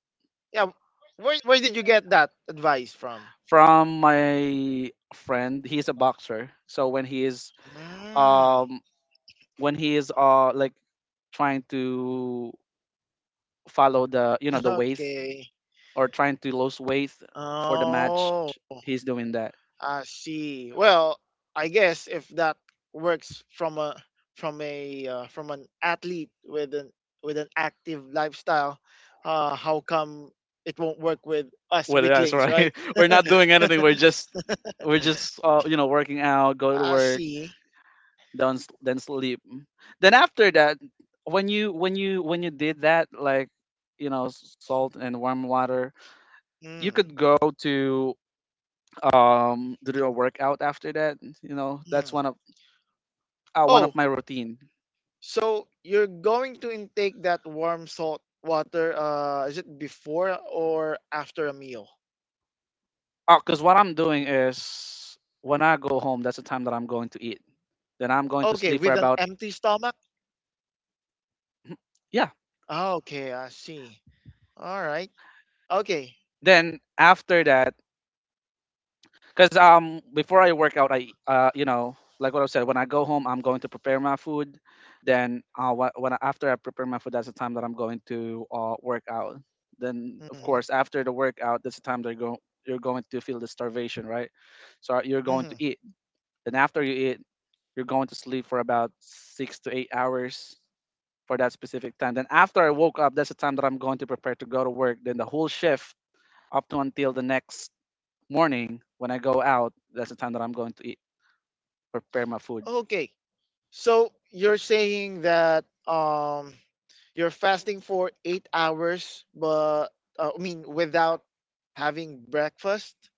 [SPEAKER 2] Yeah. Where did you get that advice from?
[SPEAKER 1] From my friend, he's a boxer. So when he is
[SPEAKER 2] Hmm.
[SPEAKER 1] um when he is, like trying to follow the, the weight,
[SPEAKER 2] Okay.
[SPEAKER 1] or trying to lose weight for the match,
[SPEAKER 2] Oh.
[SPEAKER 1] he's doing that
[SPEAKER 2] I see. Well, I guess if that works from a from a from an athlete with an active lifestyle, how come it won't work with us
[SPEAKER 1] with us,
[SPEAKER 2] weaklings, right?
[SPEAKER 1] right? We're not doing anything. We're just, working out, go to
[SPEAKER 2] I
[SPEAKER 1] work.
[SPEAKER 2] see.
[SPEAKER 1] Then then sleep. Then after that, when you did that, like, salt and warm water, you
[SPEAKER 2] Mm,
[SPEAKER 1] could go to, to do a workout after that. You know, that's
[SPEAKER 2] mm.
[SPEAKER 1] one
[SPEAKER 2] Oh,
[SPEAKER 1] of my routine.
[SPEAKER 2] so you're going to intake that warm salt water? Is it before or after a meal?
[SPEAKER 1] Oh, because what I'm doing is when I go home, that's the time that I'm going to eat. Then I'm going to
[SPEAKER 2] Okay,
[SPEAKER 1] sleep for
[SPEAKER 2] with an
[SPEAKER 1] about
[SPEAKER 2] empty stomach.
[SPEAKER 1] yeah.
[SPEAKER 2] Ah, okay, I see. All right. Okay.
[SPEAKER 1] Then after that. Because before I work out, I you know like what I said, when I go home, I'm going to prepare my food. Then after I prepare my food, that's the time that I'm going to work out. Then of
[SPEAKER 2] Hmm.
[SPEAKER 1] course after the workout, that's the time that go you're going to feel the starvation, right? So you're going to
[SPEAKER 2] Hmm.
[SPEAKER 1] eat. Then after you eat, you're going to sleep for about 6 to 8 hours for that specific time. Then after I woke up, that's the time that I'm going to prepare to go to work. Then the whole shift up to until the next morning when I go out, that's the time that I'm going to eat, prepare my food.
[SPEAKER 2] Okay. So you're saying that you're fasting for 8 hours, but I mean without having breakfast.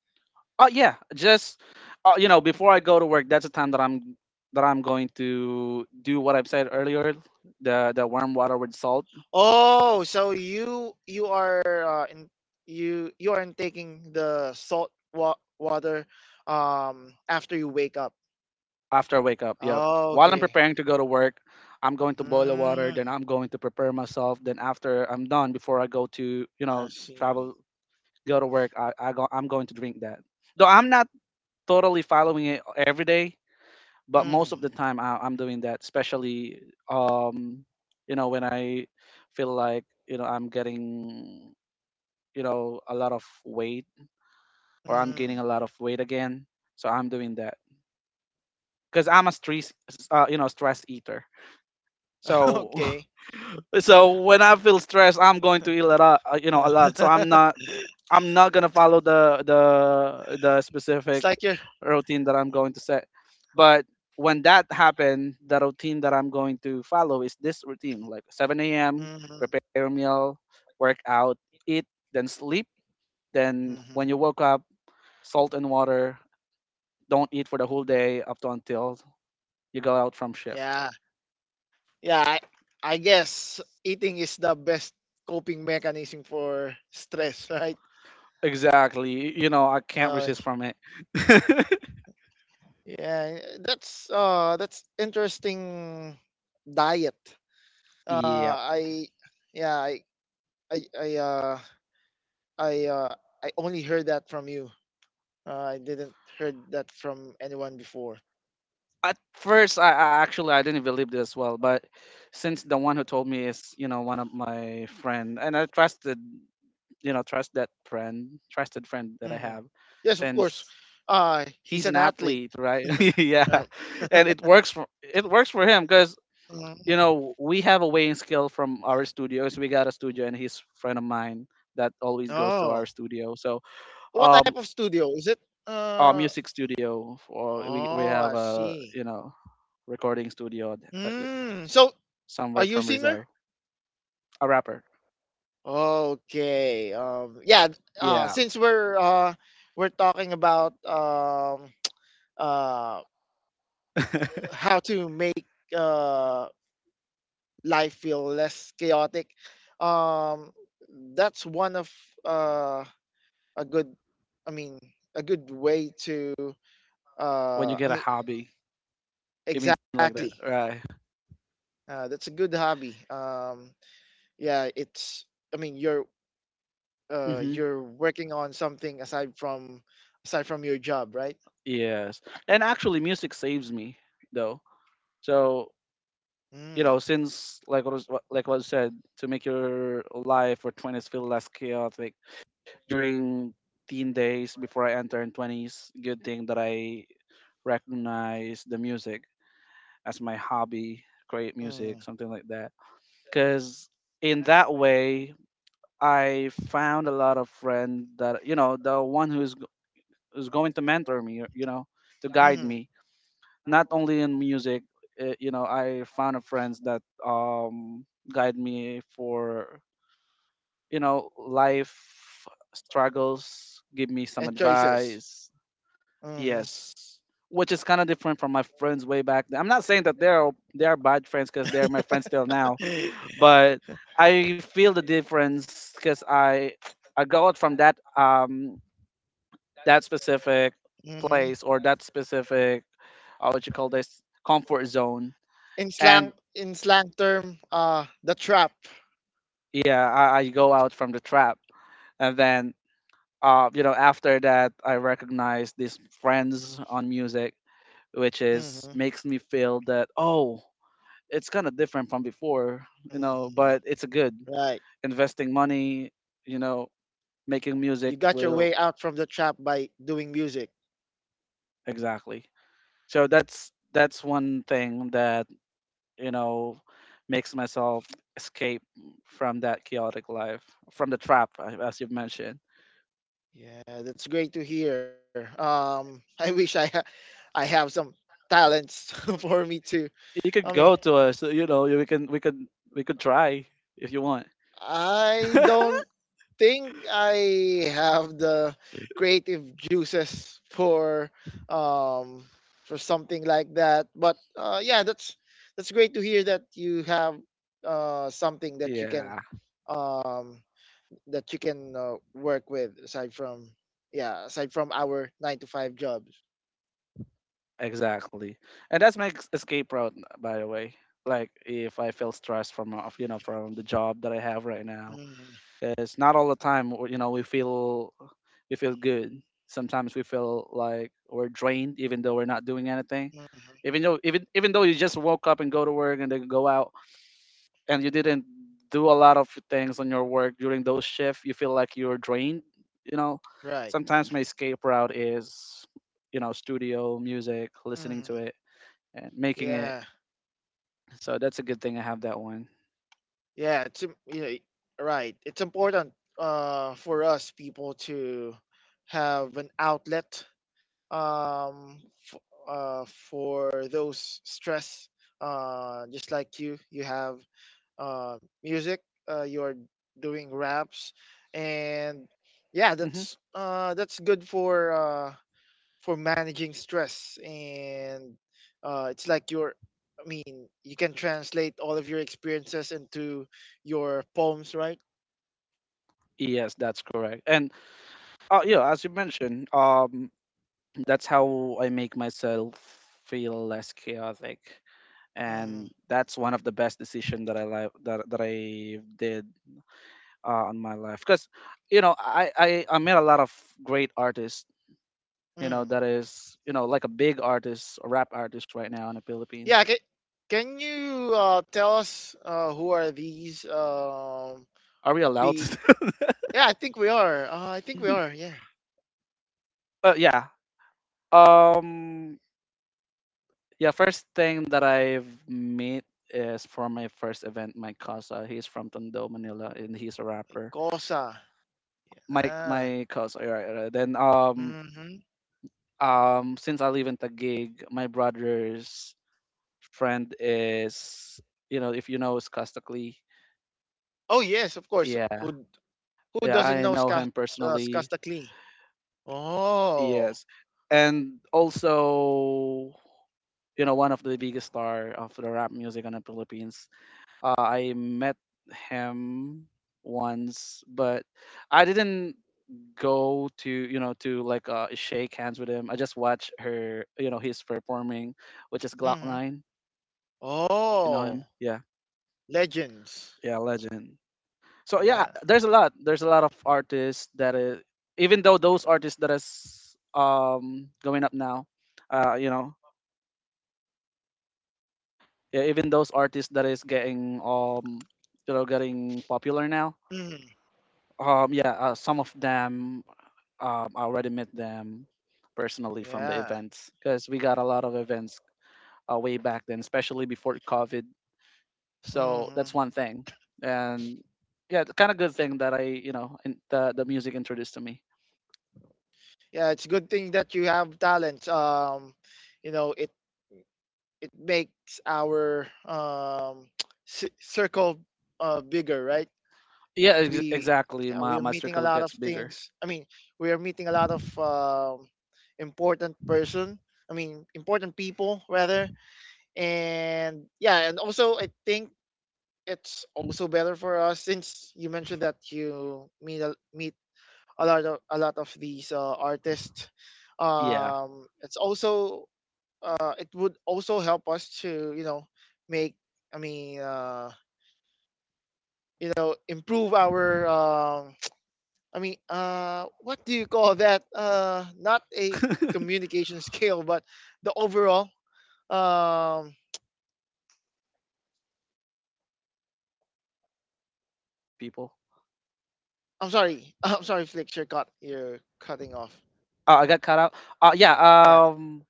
[SPEAKER 1] Oh yeah, just, before I go to work, that's the time that I'm going to do what I've said earlier, the warm water with salt
[SPEAKER 2] Oh, so you are in, you aren't taking the salt water after you wake up.
[SPEAKER 1] after I wake up. Yep.
[SPEAKER 2] Oh,
[SPEAKER 1] While I'm
[SPEAKER 2] okay.
[SPEAKER 1] preparing to go to work, I'm going to boil the water, then
[SPEAKER 2] Mm,
[SPEAKER 1] I'm going to prepare myself. Then after I'm done, before I go to,
[SPEAKER 2] I see.
[SPEAKER 1] travel, go to work, I'm going to drink that. Though I'm not totally following it every day, but most
[SPEAKER 2] Mm,
[SPEAKER 1] of the time I'm doing that, especially um when I feel like, I'm getting, a lot of weight, or I'm
[SPEAKER 2] mm.
[SPEAKER 1] gaining a lot of weight again. So I'm doing that, because I'm a stress you know stress eater. So
[SPEAKER 2] Okay.
[SPEAKER 1] so when I feel stressed, I'm going to eat a lot, a lot. So i'm not i'm not gonna follow the
[SPEAKER 2] It's
[SPEAKER 1] specific
[SPEAKER 2] like you're.
[SPEAKER 1] routine that I'm going to set. But when that happened, the routine that I'm going to follow is this routine like 7 a.m.,
[SPEAKER 2] Mhm.
[SPEAKER 1] prepare a meal, work out, eat, then sleep. Then when
[SPEAKER 2] Mhm.
[SPEAKER 1] you woke up, salt and water, don't eat for the whole day up to until you go out from shift.
[SPEAKER 2] Yeah. Yeah, I guess eating is the best coping mechanism for stress, right?
[SPEAKER 1] Exactly. You know, I can't
[SPEAKER 2] No.
[SPEAKER 1] resist from it.
[SPEAKER 2] Yeah, that's interesting diet.
[SPEAKER 1] Yep,
[SPEAKER 2] I yeah, I I uh I uh I only heard that from you. I didn't heard that from anyone before.
[SPEAKER 1] at first I actually, I didn't believe this as well, but since the one who told me is, one of my friend, and I trusted, trust that friend, trusted friend that I
[SPEAKER 2] Mhm.
[SPEAKER 1] have,
[SPEAKER 2] Yes, of course.
[SPEAKER 1] since
[SPEAKER 2] He's
[SPEAKER 1] he's an
[SPEAKER 2] an athlete,
[SPEAKER 1] athlete, right? Yeah,
[SPEAKER 2] right?
[SPEAKER 1] and it works for, it works for him, because
[SPEAKER 2] Mhm.
[SPEAKER 1] we have a weighing scale from our studios. We got a studio, and he's a friend of mine that always goes to our
[SPEAKER 2] Oh,
[SPEAKER 1] studio, so
[SPEAKER 2] what
[SPEAKER 1] um
[SPEAKER 2] type of studio is it?
[SPEAKER 1] our
[SPEAKER 2] Uh,
[SPEAKER 1] music studio, or we
[SPEAKER 2] oh,
[SPEAKER 1] have
[SPEAKER 2] I
[SPEAKER 1] a,
[SPEAKER 2] see.
[SPEAKER 1] recording studio uh,
[SPEAKER 2] Mm. So, are
[SPEAKER 1] somewhere
[SPEAKER 2] you a
[SPEAKER 1] from
[SPEAKER 2] singer?
[SPEAKER 1] Rizal. A rapper.
[SPEAKER 2] Okay. Yeah.
[SPEAKER 1] Yeah.
[SPEAKER 2] Since we're talking about uh, how to make uh, life feel less chaotic, um, that's one of uh, a good i mean a good way to
[SPEAKER 1] When you
[SPEAKER 2] uh i
[SPEAKER 1] get a
[SPEAKER 2] mean
[SPEAKER 1] hobby, you mean like that,
[SPEAKER 2] exactly
[SPEAKER 1] right?
[SPEAKER 2] that's a good hobby. Yeah, it's i mean you're
[SPEAKER 1] Hmm.
[SPEAKER 2] you're working on something aside from your job, right?
[SPEAKER 1] Yes, and actually, music saves me, though. So,
[SPEAKER 2] Mm,
[SPEAKER 1] since, like, like what I said, to make your life or twenties feel less chaotic during teen days before I enter in twenties. Good thing that I recognize the music as my hobby, create music,
[SPEAKER 2] mm,
[SPEAKER 1] something like that. Because in that way, I found a lot of friend that, the one who's going to mentor me, to guide
[SPEAKER 2] mm.
[SPEAKER 1] me, not only in music. I found a friends that guide me for, life struggles, give me some
[SPEAKER 2] And choices.
[SPEAKER 1] advice.
[SPEAKER 2] Mm-hmm.
[SPEAKER 1] Yes, which is kind of different from my friends way back then. I'm not saying that they're bad friends because they're my friends still now, but I feel the difference because I got from that, that specific
[SPEAKER 2] Mm-hmm.
[SPEAKER 1] place or that specific, what you call this, comfort zone.
[SPEAKER 2] In
[SPEAKER 1] And
[SPEAKER 2] slang, term the trap.
[SPEAKER 1] yeah, I go out from the trap, and then, after that I recognize these friends on music, which is
[SPEAKER 2] Mm-hmm.
[SPEAKER 1] makes me feel that, oh, it's kind of different from before,
[SPEAKER 2] Mm-hmm.
[SPEAKER 1] but it's a good
[SPEAKER 2] Right.
[SPEAKER 1] investing money, you know making
[SPEAKER 2] You
[SPEAKER 1] music
[SPEAKER 2] got your
[SPEAKER 1] will.
[SPEAKER 2] way out from the trap by doing music.
[SPEAKER 1] Exactly, so that's one thing that, you know makes myself escape from that chaotic life from the trap. As you've mentioned,
[SPEAKER 2] Yeah, that's great to hear. I wish I I have some talents, for me too.
[SPEAKER 1] you
[SPEAKER 2] I
[SPEAKER 1] could
[SPEAKER 2] mean,
[SPEAKER 1] go to us, we could try if you want.
[SPEAKER 2] I don't think I have the creative juices um for something like that. But yeah, that's great to hear that you have something
[SPEAKER 1] Yeah,
[SPEAKER 2] um that you can work with aside from yeah aside from our nine to five jobs.
[SPEAKER 1] exactly, and that's my escape route, by the way, like, if I feel stressed from, from the job that I have right now.
[SPEAKER 2] Hmm
[SPEAKER 1] It's not all the time, we feel good. Sometimes we feel like we're drained, even though we're not doing anything.
[SPEAKER 2] hmm
[SPEAKER 1] Even though you just woke up and go to work, and then go out and you didn't do a lot of things on your work during those shifts, you feel like you're drained. You know,
[SPEAKER 2] Right.
[SPEAKER 1] Sometimes my escape route is, studio music, listening to
[SPEAKER 2] hmm
[SPEAKER 1] it and making it.
[SPEAKER 2] Yeah,
[SPEAKER 1] So that's a good thing I have that one.
[SPEAKER 2] yeah, yeah, right, it's important for us people to have an outlet, um f- for those stress, just like you have uh, music. You're doing raps, and yeah,
[SPEAKER 1] Hmm.
[SPEAKER 2] that's good for managing stress. And it's like your, I mean, you can translate all of your experiences into your poems, right?
[SPEAKER 1] Yes, that's correct. And, yeah, as you mentioned, that's how I make myself feel less chaotic.
[SPEAKER 2] Mm,
[SPEAKER 1] And that's one of the best decision that I li- that that I did, on my life. Because, I met a lot of great artists.
[SPEAKER 2] mm.
[SPEAKER 1] That is, like, a big artist, a rap artist right now in the Philippines.
[SPEAKER 2] Yeah, can you tell us who are these
[SPEAKER 1] Are we allowed?
[SPEAKER 2] big?
[SPEAKER 1] To.
[SPEAKER 2] Yeah, I think we are. I think we are. Yeah,
[SPEAKER 1] Yeah. Um. Yeah. First thing that I've met is for my first event, my casa. He's from Tondo, Manila, and he's a
[SPEAKER 2] like
[SPEAKER 1] rapper.
[SPEAKER 2] Cosa.
[SPEAKER 1] my
[SPEAKER 2] Yeah.
[SPEAKER 1] my cousin. Alright, alright. Then,
[SPEAKER 2] Mm-hmm.
[SPEAKER 1] since I live in Taguig, my brother's friend is, if you know, is Castacli.
[SPEAKER 2] Oh yes, of course.
[SPEAKER 1] Yeah,
[SPEAKER 2] Who
[SPEAKER 1] yeah,
[SPEAKER 2] doesn't
[SPEAKER 1] I
[SPEAKER 2] know
[SPEAKER 1] know
[SPEAKER 2] Ska,
[SPEAKER 1] him personally.
[SPEAKER 2] Skasta Klee? Oh.
[SPEAKER 1] Yes, and also, one of the biggest star of the rap music in the Philippines. I met him once, but I didn't go to, to, like, shake hands with him. I just watch her, he's performing, which is Glock
[SPEAKER 2] Mm-hmm.
[SPEAKER 1] Nine. If you know him,
[SPEAKER 2] Oh,
[SPEAKER 1] yeah,
[SPEAKER 2] legends.
[SPEAKER 1] yeah, legend. So yeah,
[SPEAKER 2] Yeah.
[SPEAKER 1] there's a lot. There's a lot of artists that is, even though, those artists that is going up now, uh you know yeah, even those artists that is getting, getting popular now.
[SPEAKER 2] hmm
[SPEAKER 1] Yeah, some of them, I already met them personally from the
[SPEAKER 2] Yeah.
[SPEAKER 1] events because we got a lot of events, way back then, especially before COVID. So
[SPEAKER 2] hmm
[SPEAKER 1] that's one thing, and yeah, the kind of good thing that I, the music introduced to me.
[SPEAKER 2] Yeah, it's good thing that you have talents. You know, it makes our circle bigger, right?
[SPEAKER 1] Yeah,
[SPEAKER 2] we
[SPEAKER 1] exactly.
[SPEAKER 2] Yeah,
[SPEAKER 1] My
[SPEAKER 2] we are
[SPEAKER 1] my
[SPEAKER 2] meeting a
[SPEAKER 1] circle
[SPEAKER 2] lot of
[SPEAKER 1] gets bigger.
[SPEAKER 2] things, we are meeting a lot of important person, important people rather. And yeah, and also I think it's also better for us since you mentioned that you meet a, meet a lot of these artists.
[SPEAKER 1] Yeah.
[SPEAKER 2] It's also it would also help us to, you know, make I mean you know, improve our I mean, what do you call that? Not a
[SPEAKER 1] uh,
[SPEAKER 2] communication skill, but the overall. Um,
[SPEAKER 1] yeah, there's a term for that, like, for when you are, communicating with people.
[SPEAKER 2] I'm sorry. I'm sorry, Flix. You're cut. You're cutting off.
[SPEAKER 1] I got cut out. Yeah.
[SPEAKER 2] Yeah.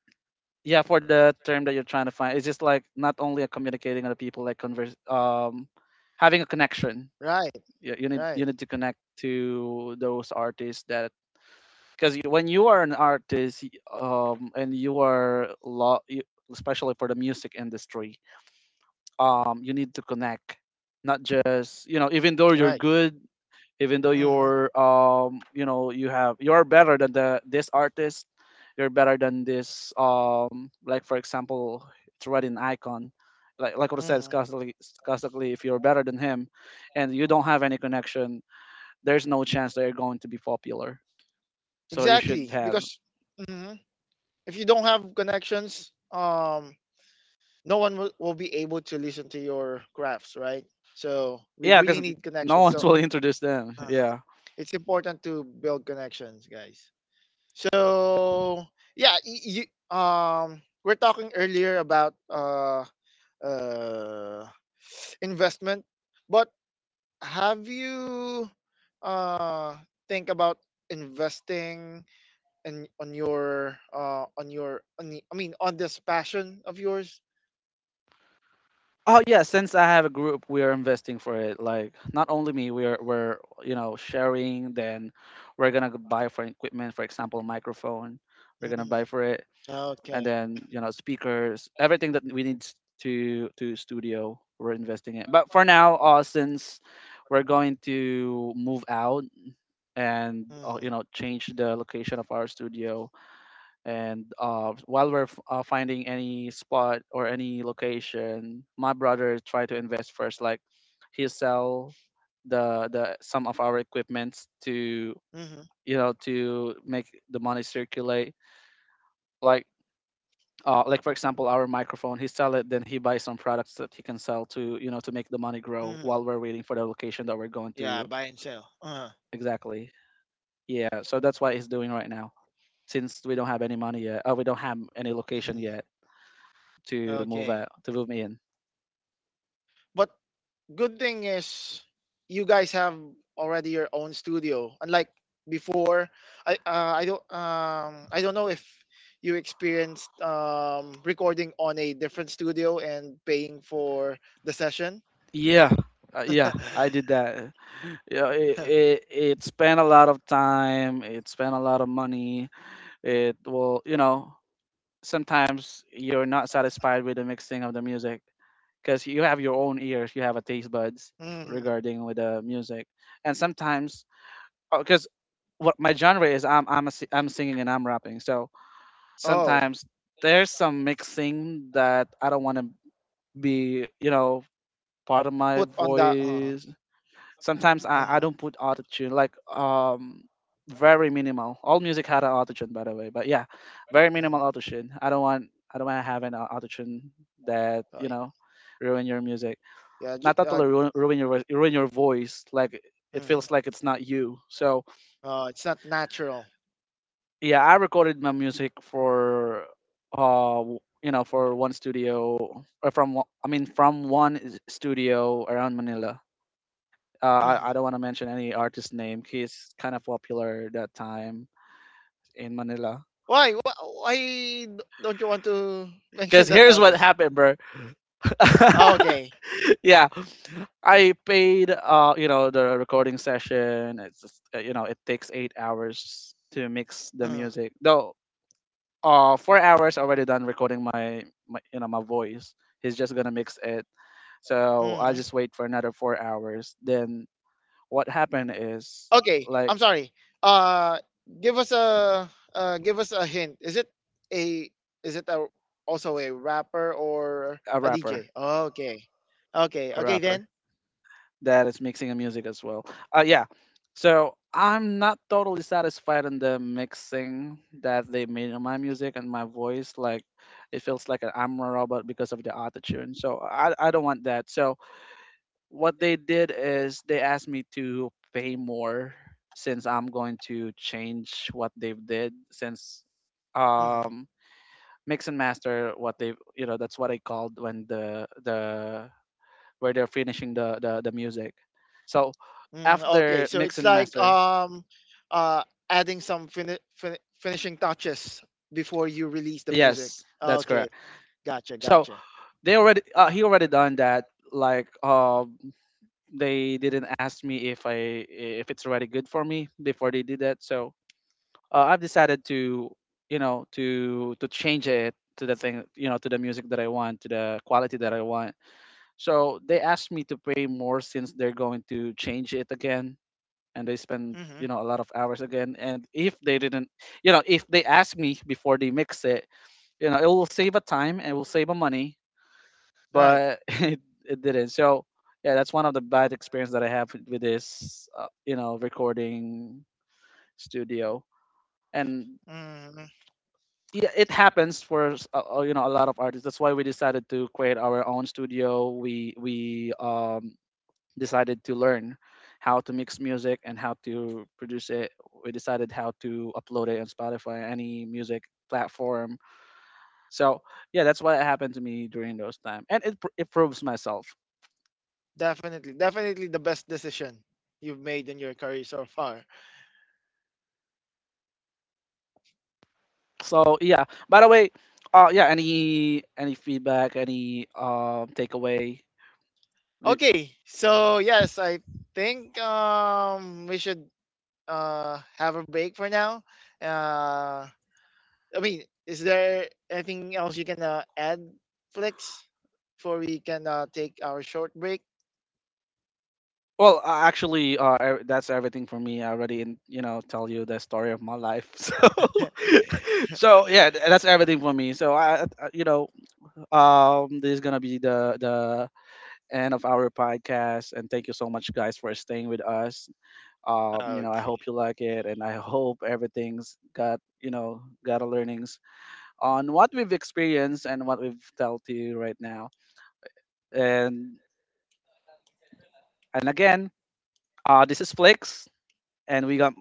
[SPEAKER 1] yeah, for the term that you're trying to find, it's just like not only a communicating other people, like, converse, having a connection.
[SPEAKER 2] Right.
[SPEAKER 1] you, you need you
[SPEAKER 2] Right.
[SPEAKER 1] need to connect to those artists, that, because when you are an artist, and you are you, especially for the music industry, you need to connect, not just, even though you're
[SPEAKER 2] Right.
[SPEAKER 1] good, even though
[SPEAKER 2] Mm-hmm.
[SPEAKER 1] you're, you have, you're better than the this artist, you're better than this, like for example, it's already an icon, like what I said,
[SPEAKER 2] Mm-hmm.
[SPEAKER 1] scolastically, if you're better than him and you don't have any connection, there's no chance that you're going to be popular, so you should
[SPEAKER 2] Exactly.
[SPEAKER 1] have.
[SPEAKER 2] Because mhm, if you don't have connections, no one will be able to listen to your crafts, right? So we
[SPEAKER 1] Yeah,
[SPEAKER 2] really
[SPEAKER 1] because
[SPEAKER 2] need
[SPEAKER 1] no
[SPEAKER 2] connections.
[SPEAKER 1] one's
[SPEAKER 2] So
[SPEAKER 1] will introduce them.
[SPEAKER 2] uh
[SPEAKER 1] Yeah.
[SPEAKER 2] it's important to build connections, guys. So yeah, you, we're talking earlier about uh, investment, but have you uh, think about investing in on your on your on the, I mean on this passion of yours?
[SPEAKER 1] Oh yeah, since I have a group, we are investing for it. Like, not only me, we're, sharing. Then we're gonna go buy for equipment, for example, microphone. We're gonna
[SPEAKER 2] Hmm
[SPEAKER 1] buy for it,
[SPEAKER 2] Okay.
[SPEAKER 1] and then, speakers, everything that we need to studio. We're investing in. But for now, since we're going to move out and,
[SPEAKER 2] hmm
[SPEAKER 1] change the location of our studio, and, while we're finding any spot or any location, my brother tried to invest first, like, he sell the some of our equipments, to,
[SPEAKER 2] hmm
[SPEAKER 1] to make the money circulate, like, like for example, our microphone, he sell it, then he buys some products that he can sell to, to make the money grow
[SPEAKER 2] hmm
[SPEAKER 1] while we're waiting for the location that we're going
[SPEAKER 2] Yeah,
[SPEAKER 1] to.
[SPEAKER 2] buy and sell. Uh-huh.
[SPEAKER 1] Exactly, yeah, so that's what he's doing right now, since we don't have any money yet, we don't have any location
[SPEAKER 2] hmm
[SPEAKER 1] yet to move
[SPEAKER 2] Okay.
[SPEAKER 1] out, to move me in.
[SPEAKER 2] But good thing is you guys have already your own studio unlike before. I don't I don't know if you experienced recording on a different studio and paying for the session.
[SPEAKER 1] Yeah, yeah, I did that. Yeah, it spent a lot of time. It spent a lot of money. It will, sometimes you're not satisfied with the mixing of the music because you have your own ears, you have a taste buds
[SPEAKER 2] Mhm.
[SPEAKER 1] regarding with the music, and sometimes, because what my genre is, I'm singing and I'm rapping, so
[SPEAKER 2] Oh,
[SPEAKER 1] sometimes there's some mixing that I don't want to be, part of my
[SPEAKER 2] put on that
[SPEAKER 1] voice. Sometimes I
[SPEAKER 2] mhm,
[SPEAKER 1] don't put autotune, like, very minimal. All music had an autotune, by the way, but yeah, very minimal
[SPEAKER 2] mhm.
[SPEAKER 1] autotune. I don't want to have an autotune that,
[SPEAKER 2] Uh,
[SPEAKER 1] ruin your music.
[SPEAKER 2] yeah
[SPEAKER 1] Not totally ruin, ruin your voice, like, it
[SPEAKER 2] mhm.
[SPEAKER 1] feels like it's not you. So,
[SPEAKER 2] It's not natural.
[SPEAKER 1] yeah, I recorded my music for, for one studio, or from I mean, from one studio around Manila. Uh, I
[SPEAKER 2] Mhm.
[SPEAKER 1] don't want to mention any artist name. He's kind of popular that time in Manila.
[SPEAKER 2] Why? Wh Why don't you want to
[SPEAKER 1] Because
[SPEAKER 2] mention that
[SPEAKER 1] here's what
[SPEAKER 2] artist?
[SPEAKER 1] happened, bro.
[SPEAKER 2] Ah, okay.
[SPEAKER 1] Yeah, I paid, the recording session. It's just, it takes 8 hours to mix the
[SPEAKER 2] Uh.
[SPEAKER 1] music. Though, 4 hours already done recording my, my you know my voice. He's just gonna mix it. So I
[SPEAKER 2] Mhm.
[SPEAKER 1] just wait for another 4 hours. Then what happened is,
[SPEAKER 2] Okay,
[SPEAKER 1] like,
[SPEAKER 2] I'm sorry. Uh, Give us a give us a hint. Is it a is it a also a rapper or
[SPEAKER 1] a
[SPEAKER 2] a
[SPEAKER 1] rapper,
[SPEAKER 2] DJ? Okay, okay,
[SPEAKER 1] a
[SPEAKER 2] okay
[SPEAKER 1] rapper
[SPEAKER 2] then.
[SPEAKER 1] that is mixing the music as well. Yeah. So I'm not totally satisfied in the mixing that they made on my music and my voice. Like, it feels like I'm a robot because of the autotune. So I don't want that. So what they did is they asked me to pay more since I'm going to change what they've did since,
[SPEAKER 2] Hmm
[SPEAKER 1] um mix and master, what they've, that's what I called when the where they're finishing the music. So
[SPEAKER 2] Mm, okay,
[SPEAKER 1] after
[SPEAKER 2] so
[SPEAKER 1] mix
[SPEAKER 2] it's
[SPEAKER 1] and
[SPEAKER 2] like
[SPEAKER 1] master,
[SPEAKER 2] uh, adding some finishing touches before you release the music. Yes.
[SPEAKER 1] yes,
[SPEAKER 2] Yes.
[SPEAKER 1] that's
[SPEAKER 2] Okay,
[SPEAKER 1] correct,
[SPEAKER 2] gotcha,
[SPEAKER 1] so
[SPEAKER 2] gotcha.
[SPEAKER 1] they already, he already done that, like, they didn't ask me if it's already good for me before they did that. So, I've decided to, to change it to the thing, to the music that I want, to the quality that I want, so they asked me to pay more since they're going to change it again, and they spend,
[SPEAKER 2] Hmm
[SPEAKER 1] a lot of hours again, and if they didn't, if they ask me before they mix it, it will save a time and it will save a money,
[SPEAKER 2] Right.
[SPEAKER 1] but it didn't. So yeah, that's one of the bad experience that I have with this, recording studio. And
[SPEAKER 2] hmm
[SPEAKER 1] yeah, it happens for a lot of artists, that's why we decided to create our own studio. We decided to learn how to mix music and how to produce it. We decided how to upload it on Spotify, any music platform. So yeah, that's what happened to me during those time, and it proves myself.
[SPEAKER 2] Definitely, definitely the best decision you've made in your career so far.
[SPEAKER 1] So yeah. By the way, yeah, any feedback, any takeaway? We-
[SPEAKER 2] Okay, so yes, I think we should have a break for now. Uh, I mean, is there anything else you can add, Flex, before we can take our short break?
[SPEAKER 1] Well, actually, that's everything for me. I already, tell you the story of my life. So, so yeah, that's everything for me. So, this is gonna be the end of our podcast, and thank you so much, guys, for staying with us. I hope you like it, and I hope everything's got you know got a learnings on what we've experienced and what we've told to you right now. And again, this is Flix, and we got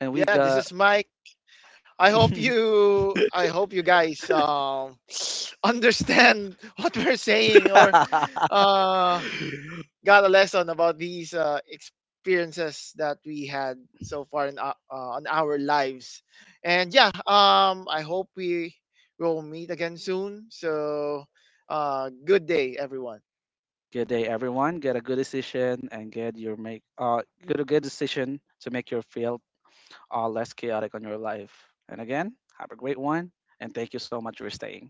[SPEAKER 1] and we
[SPEAKER 2] Yeah, this
[SPEAKER 1] got.
[SPEAKER 2] is Mike. I hope you guys understand what we're saying or uh, got a lesson about these experiences that we had so far in our, on our lives. And yeah, I hope we will meet again soon. So, good day, everyone.
[SPEAKER 1] Good day, everyone. Get a good decision and get your make Get a good decision to make your field, less chaotic on your life. And again, have a great one and thank you so much for staying.